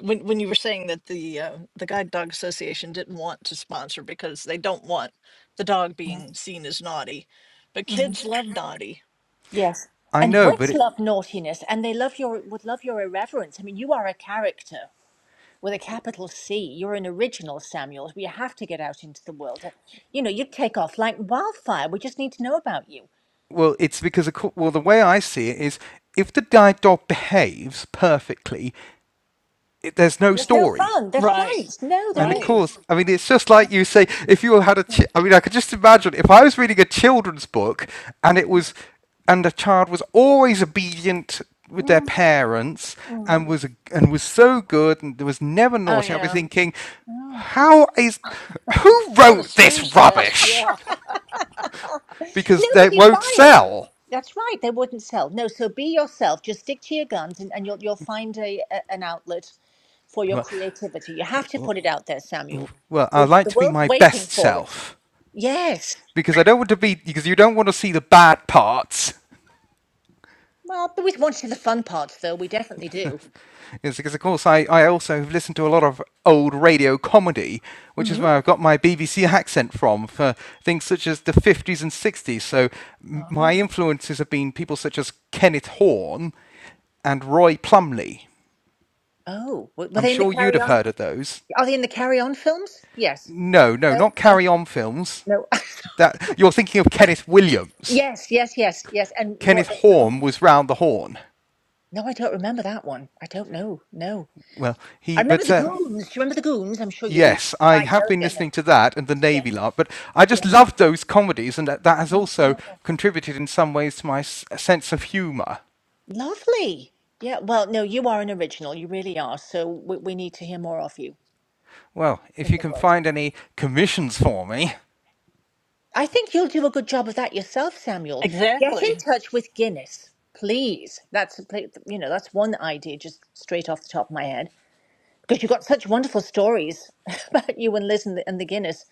Speaker 2: When when you were saying that the uh, the Guide Dog Association didn't want to sponsor because they don't want the dog being seen as naughty, but
Speaker 1: hmm
Speaker 2: kids love naughty.
Speaker 1: Yes.
Speaker 3: I
Speaker 1: And
Speaker 3: know, but
Speaker 1: Brits
Speaker 3: it,
Speaker 1: love naughtiness, and they love your would love your irreverence. I mean, you are a character with a capital C. You're an original, Samuel. We have to get out into the world. You know, you take off like wildfire. We just need to know about you.
Speaker 3: well, it's because of, co- well, the way I see it is, if the guide dog behaves perfectly, it, there's no
Speaker 1: There's no
Speaker 3: story.
Speaker 1: fun. That's
Speaker 2: Right,
Speaker 1: right. No, there
Speaker 3: And of
Speaker 2: right.
Speaker 1: isn't.
Speaker 3: course, I mean, it's just like you say, if you had a, chi- I mean, I could just imagine if I was reading a children's book and it was, and a child was always obedient with their
Speaker 1: Mm,
Speaker 3: parents
Speaker 1: mm,
Speaker 3: and was and was so good and there was never
Speaker 2: Oh
Speaker 3: naughty, I'd be
Speaker 2: yeah,
Speaker 3: thinking,
Speaker 1: mm.
Speaker 3: how is, who
Speaker 2: what a
Speaker 3: wrote this
Speaker 2: snooze fest.
Speaker 3: rubbish?
Speaker 2: Yeah,
Speaker 3: Because they
Speaker 1: Nobody'd
Speaker 3: won't
Speaker 1: buy it.
Speaker 3: sell.
Speaker 1: That's right. They wouldn't sell. No, so be yourself. Just stick to your guns, and, and you'll you'll find a, a an outlet for your
Speaker 3: Well,
Speaker 1: creativity. You have to put it out there, Samuel.
Speaker 3: well,
Speaker 1: The,
Speaker 3: I'd like
Speaker 1: the
Speaker 3: to be
Speaker 1: world's
Speaker 3: my
Speaker 1: waiting
Speaker 3: best
Speaker 1: for it.
Speaker 3: self
Speaker 1: Yes.
Speaker 3: because I don't want to be because you don't want to see the bad parts.
Speaker 1: Well, but we want to see the fun parts, though. We definitely do.
Speaker 3: is because of course I, I also have listened to a lot of old radio comedy, which is
Speaker 1: hmm
Speaker 3: where I've got my BBC accent from for things such as the 50s and 60s. So
Speaker 1: Oh,
Speaker 3: my influences have been people such as Kenneth Horne and Roy Plumley.
Speaker 1: oh. Were were
Speaker 3: I'm
Speaker 1: they in the
Speaker 3: sure you'd
Speaker 1: Carry
Speaker 3: have
Speaker 1: On?
Speaker 3: heard of those.
Speaker 1: Are they in the Carry On films? Yes.
Speaker 3: No, no,
Speaker 1: No.
Speaker 3: not
Speaker 1: No.
Speaker 3: Carry On films.
Speaker 1: No.
Speaker 3: That you're thinking of Kenneth Williams.
Speaker 1: yes. Yes. Yes. Yes. And Roy,
Speaker 3: Kenneth Horne was round the horn.
Speaker 1: No, I don't remember that one. I don't know. No.
Speaker 3: Well,
Speaker 1: I
Speaker 3: he
Speaker 1: remember
Speaker 3: but
Speaker 1: the
Speaker 3: uh,
Speaker 1: Goons. Do you remember the Goons? I'm sure you listened to
Speaker 3: Yes, I
Speaker 1: Spike
Speaker 3: have been
Speaker 1: Milligan. and-
Speaker 3: listening to that and the
Speaker 1: Yeah.
Speaker 3: Navy Lark, but I just love those comedies, and that, that has
Speaker 1: Yeah.
Speaker 3: also contributed in some ways to my s- sense of humour.
Speaker 1: Lovely. Yeah. Well, no, you are an original. You really are. So we, we need to hear more of you
Speaker 3: Well, if
Speaker 1: in
Speaker 3: you
Speaker 1: the
Speaker 3: can
Speaker 1: world.
Speaker 3: find any commissions for me,
Speaker 1: I think you'll do a good job of that yourself, Samuel. Get in
Speaker 2: exactly.
Speaker 1: touch with Guinness, please. That's a pla- you know that's one idea just straight off the top of my head because you've got such wonderful stories about you and Liz and the, and the Guinness.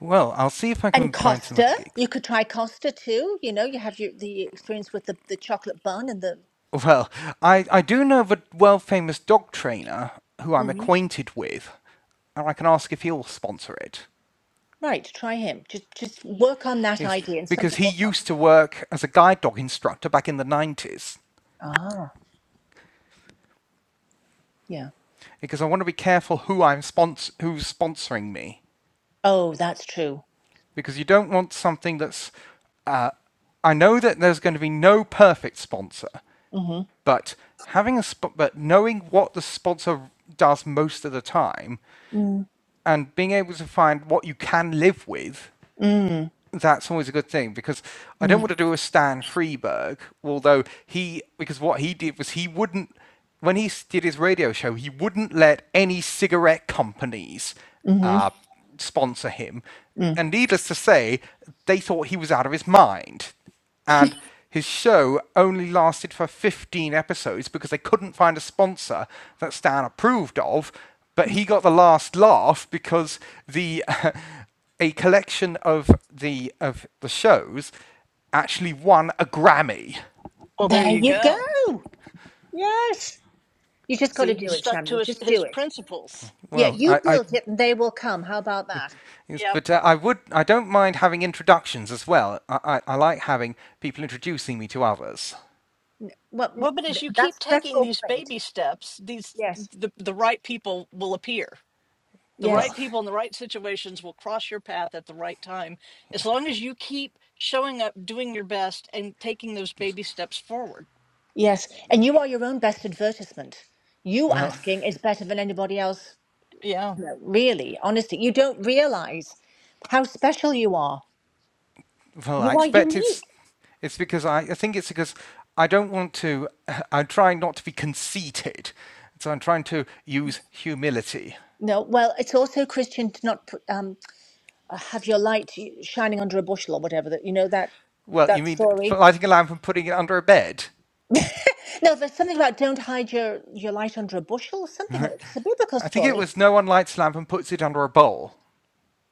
Speaker 3: well, I'll see if I can
Speaker 1: And
Speaker 3: find some other
Speaker 1: Costa,
Speaker 3: gigs.
Speaker 1: you could try Costa too. You know, you have your the experience with the, the chocolate bun and the
Speaker 3: Well, I, I do know of a world famous dog trainer who I'm
Speaker 1: Mhm.
Speaker 3: acquainted with, and I can ask if he'll sponsor it.
Speaker 1: right. Try him. Just just work on that
Speaker 3: Yes,
Speaker 1: idea, and
Speaker 3: because
Speaker 1: something
Speaker 3: he
Speaker 1: will come.
Speaker 3: used to work as a guide dog instructor back in the 90s.
Speaker 1: Ah, yeah.
Speaker 3: because I want to be careful who I'm spons- who's sponsoring me
Speaker 1: Oh, that's true.
Speaker 3: because you don't want something that's. Uh, I know that there's going to be no perfect sponsor,
Speaker 1: Mm-hmm.
Speaker 3: but having a sp- but knowing what the sponsor does most of the time
Speaker 1: Mm.
Speaker 3: and being able to find what you can live with
Speaker 1: Mm.
Speaker 3: that's always a good thing because I don't
Speaker 1: Mm.
Speaker 3: want to do a Stan Freberg, although he because what he did was he wouldn't when he did his radio show, he wouldn't let any cigarette companies uh,
Speaker 1: Mm-hmm.
Speaker 3: sponsor him.
Speaker 1: Mm.
Speaker 3: And needless to say, they thought he was out of his mind and his show only lasted for 15 episodes because they couldn't find a sponsor that Stan approved of, but he got the last laugh because the uh, a collection of the of the shows actually won a Grammy.
Speaker 2: Well, there
Speaker 1: There
Speaker 2: you
Speaker 1: you
Speaker 2: go.
Speaker 1: go. Yes, you just got to
Speaker 2: See, he
Speaker 1: do it,
Speaker 2: stuck to
Speaker 1: Samuel.
Speaker 2: his
Speaker 1: Just do
Speaker 2: his
Speaker 1: it.
Speaker 2: principles.
Speaker 1: Yeah,
Speaker 3: Well,
Speaker 1: you
Speaker 3: I, I
Speaker 1: built it, and they will come. How about that?
Speaker 3: yes,
Speaker 2: Yep.
Speaker 3: but uh, I would I don't mind having introductions as well. I, I, I like having people introducing me to others.
Speaker 1: N- Well, n-
Speaker 2: Well, but as
Speaker 1: th-
Speaker 2: you keep
Speaker 1: that's that's
Speaker 2: taking
Speaker 1: all
Speaker 2: these
Speaker 1: great.
Speaker 2: baby steps, these
Speaker 1: Yes.
Speaker 2: the the right people will appear. The
Speaker 1: Yes.
Speaker 2: right
Speaker 3: Well,
Speaker 2: people in the right situations will cross your path at the right time as long as you keep showing up, doing your best, and taking those
Speaker 3: yes.
Speaker 2: baby steps forward.
Speaker 1: Yes, and you are your own best advertisement. You
Speaker 3: Well,
Speaker 1: asking is better than anybody else.
Speaker 2: Yeah.
Speaker 1: No, really, honestly, you don't realize how special you are.
Speaker 3: Well, I
Speaker 1: You are
Speaker 3: expect
Speaker 1: unique.
Speaker 3: it's it's because I, I think it's because I don't want to. I'm trying not to be conceited, so I'm trying to use humility.
Speaker 1: No, well, it's also Christian to not put, um, have your light shining under a bushel or whatever. That you know that
Speaker 3: Well, you
Speaker 1: that
Speaker 3: mean
Speaker 1: story.
Speaker 3: lighting a lamp and putting it under a bed?
Speaker 1: No, there's something about don't hide your your light under a bushel. Something it's a biblical
Speaker 3: I think it
Speaker 1: story.
Speaker 3: was no one lights a lamp and puts it under a bowl.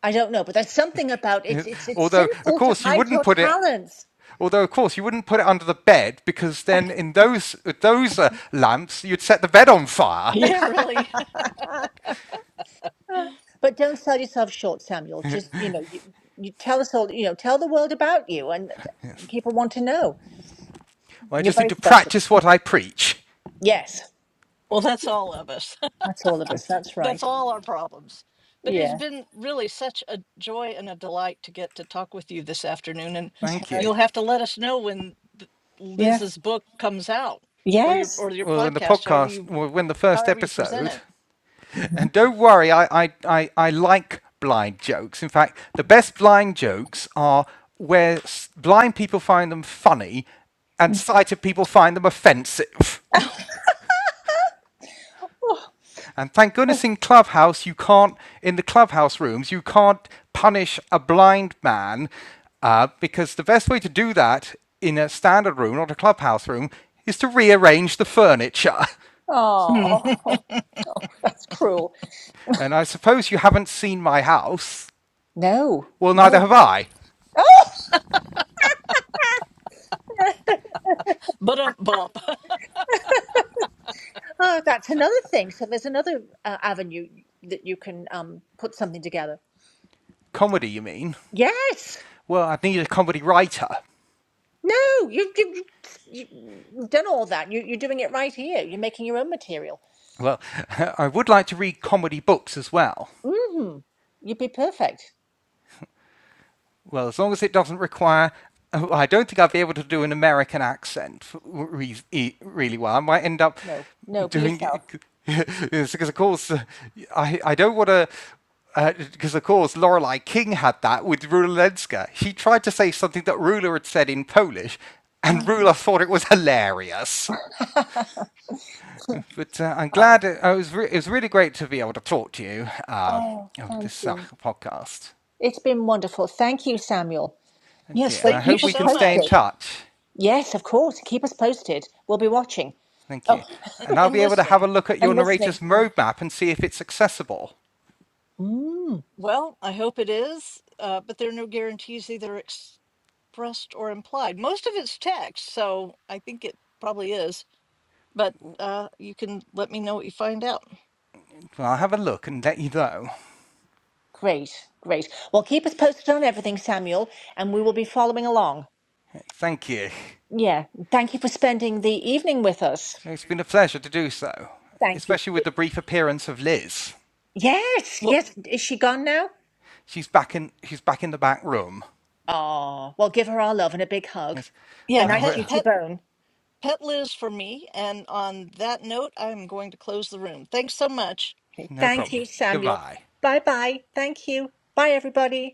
Speaker 1: I don't know, but there's something about
Speaker 3: You
Speaker 1: it's
Speaker 3: know,
Speaker 1: it's it's
Speaker 3: although, of
Speaker 1: sinful to
Speaker 3: course, you
Speaker 1: hide
Speaker 3: wouldn't
Speaker 1: your
Speaker 3: put it.
Speaker 1: talents.
Speaker 3: Although, of course, you wouldn't put it under the bed because then, in those with those uh, lamps, you'd set the bed on fire.
Speaker 2: Yeah, really.
Speaker 1: Uh, But don't sell yourself short, Samuel. Just, you know, you, you tell us all, you know, tell the world about you and
Speaker 3: Yes.
Speaker 1: people want to know.
Speaker 3: Well, I
Speaker 1: You're
Speaker 3: just need
Speaker 1: very
Speaker 3: to
Speaker 1: special.
Speaker 3: practice what I preach.
Speaker 1: Yes,
Speaker 2: Well, that's all of us.
Speaker 1: that's all of us. That's
Speaker 2: that's
Speaker 1: right.
Speaker 2: all our problems. But it's
Speaker 1: Yeah,
Speaker 2: been really such a joy and a delight to get to talk with you this afternoon. And
Speaker 1: it
Speaker 3: Thank you.
Speaker 1: has.
Speaker 2: you'll have to let us know when th-
Speaker 1: Yeah.
Speaker 2: Liz's book comes out or your
Speaker 1: Yes.
Speaker 2: or your
Speaker 3: well, in the
Speaker 2: podcast, however
Speaker 3: podcast,
Speaker 2: you
Speaker 3: well, when the first
Speaker 2: however you present
Speaker 3: episode,
Speaker 1: hmm
Speaker 3: and don't worry, I, I, I, I like blind jokes. In fact, the best blind jokes are where blind people find them funny and sighted people find them offensive. And thank goodness in Clubhouse, you can't, in the Clubhouse rooms, you can't punish a blind man uh, because the best way to do that in a standard room, not a Clubhouse room, is to rearrange the furniture.
Speaker 2: it.
Speaker 1: Oh, oh, that's cruel.
Speaker 3: And I suppose you haven't seen my house.
Speaker 1: No,
Speaker 3: Well, neither
Speaker 1: no.
Speaker 3: have I.
Speaker 1: Oh,
Speaker 2: but um bump.
Speaker 1: oh, that's another thing. So there's another uh, avenue that you can um, put something together.
Speaker 3: Comedy, you mean?
Speaker 1: Yes.
Speaker 3: Well, I'd need a comedy writer.
Speaker 1: No, you, you, you- you've done all that. You, you're doing it right here. You're making your own material.
Speaker 3: Well, I would like to read comedy books as well.
Speaker 1: Mm-hmm. You'd be perfect.
Speaker 3: Well, as long as it doesn't require. oh, I don't think I'd be able to do an American accent re- e- really well. I might end up
Speaker 1: No, no, be
Speaker 3: doing
Speaker 1: yourself.
Speaker 3: it because, of course, uh, I I don't want to. Uh, Because of course, Lorelei King had that with Rula Lenska. She tried to say something that Rula had said in Polish, and
Speaker 1: Mm.
Speaker 3: Rula thought it was hilarious. But uh, I'm
Speaker 1: oh,
Speaker 3: glad it, oh, it was. Re- it was really great to be able to talk to you. Uh,
Speaker 1: oh,
Speaker 3: of
Speaker 1: thank
Speaker 3: this uh,
Speaker 1: you.
Speaker 3: podcast.
Speaker 1: It's been wonderful. Thank you, Samuel.
Speaker 3: Thank you,
Speaker 2: Yes,
Speaker 3: and
Speaker 1: So
Speaker 3: I
Speaker 2: thank you
Speaker 3: hope
Speaker 1: keep
Speaker 3: we
Speaker 1: us
Speaker 3: can
Speaker 2: so
Speaker 3: stay in
Speaker 1: posted.
Speaker 2: much.
Speaker 3: touch.
Speaker 1: Yes, of course. Keep us posted. We'll be watching.
Speaker 3: Thank
Speaker 1: Oh,
Speaker 3: you.
Speaker 2: and,
Speaker 3: And I'll
Speaker 2: and
Speaker 3: be able to have
Speaker 2: listening.
Speaker 3: a look at your
Speaker 1: and listening.
Speaker 3: narrator's
Speaker 1: Yeah.
Speaker 3: roadmap and see if it's accessible.
Speaker 1: Mm,
Speaker 2: Well, I hope it is, uh, but there are no guarantees either expressed or implied. Most of it's text, so I think it probably is. But uh, you can let me know what you find out.
Speaker 3: Well, I'll have a look and let you know.
Speaker 1: great, great. Well, keep us posted on everything, Samuel, and we will be following along.
Speaker 3: Thank you.
Speaker 1: Yeah. Thank you for spending the evening with us.
Speaker 3: It's been a pleasure to do so,
Speaker 1: Thank you.
Speaker 3: especially with the brief appearance of Liz.
Speaker 1: Yes,
Speaker 2: Well,
Speaker 1: yes. Is she gone now?
Speaker 3: She's back in. She's back in the back room.
Speaker 1: Oh, well, give her our love and a big hug.
Speaker 3: Yes,
Speaker 1: A
Speaker 2: yeah,
Speaker 3: I
Speaker 1: nice
Speaker 2: pet
Speaker 3: will.
Speaker 1: juicy
Speaker 2: pet
Speaker 1: bone.
Speaker 2: pet Liz for me. And on that note, I'm going to close the room. Thanks so much.
Speaker 3: No
Speaker 1: Thank you,
Speaker 3: problem.
Speaker 1: Samuel.
Speaker 3: Goodbye.
Speaker 1: Bye bye. Thank you. Bye, everybody.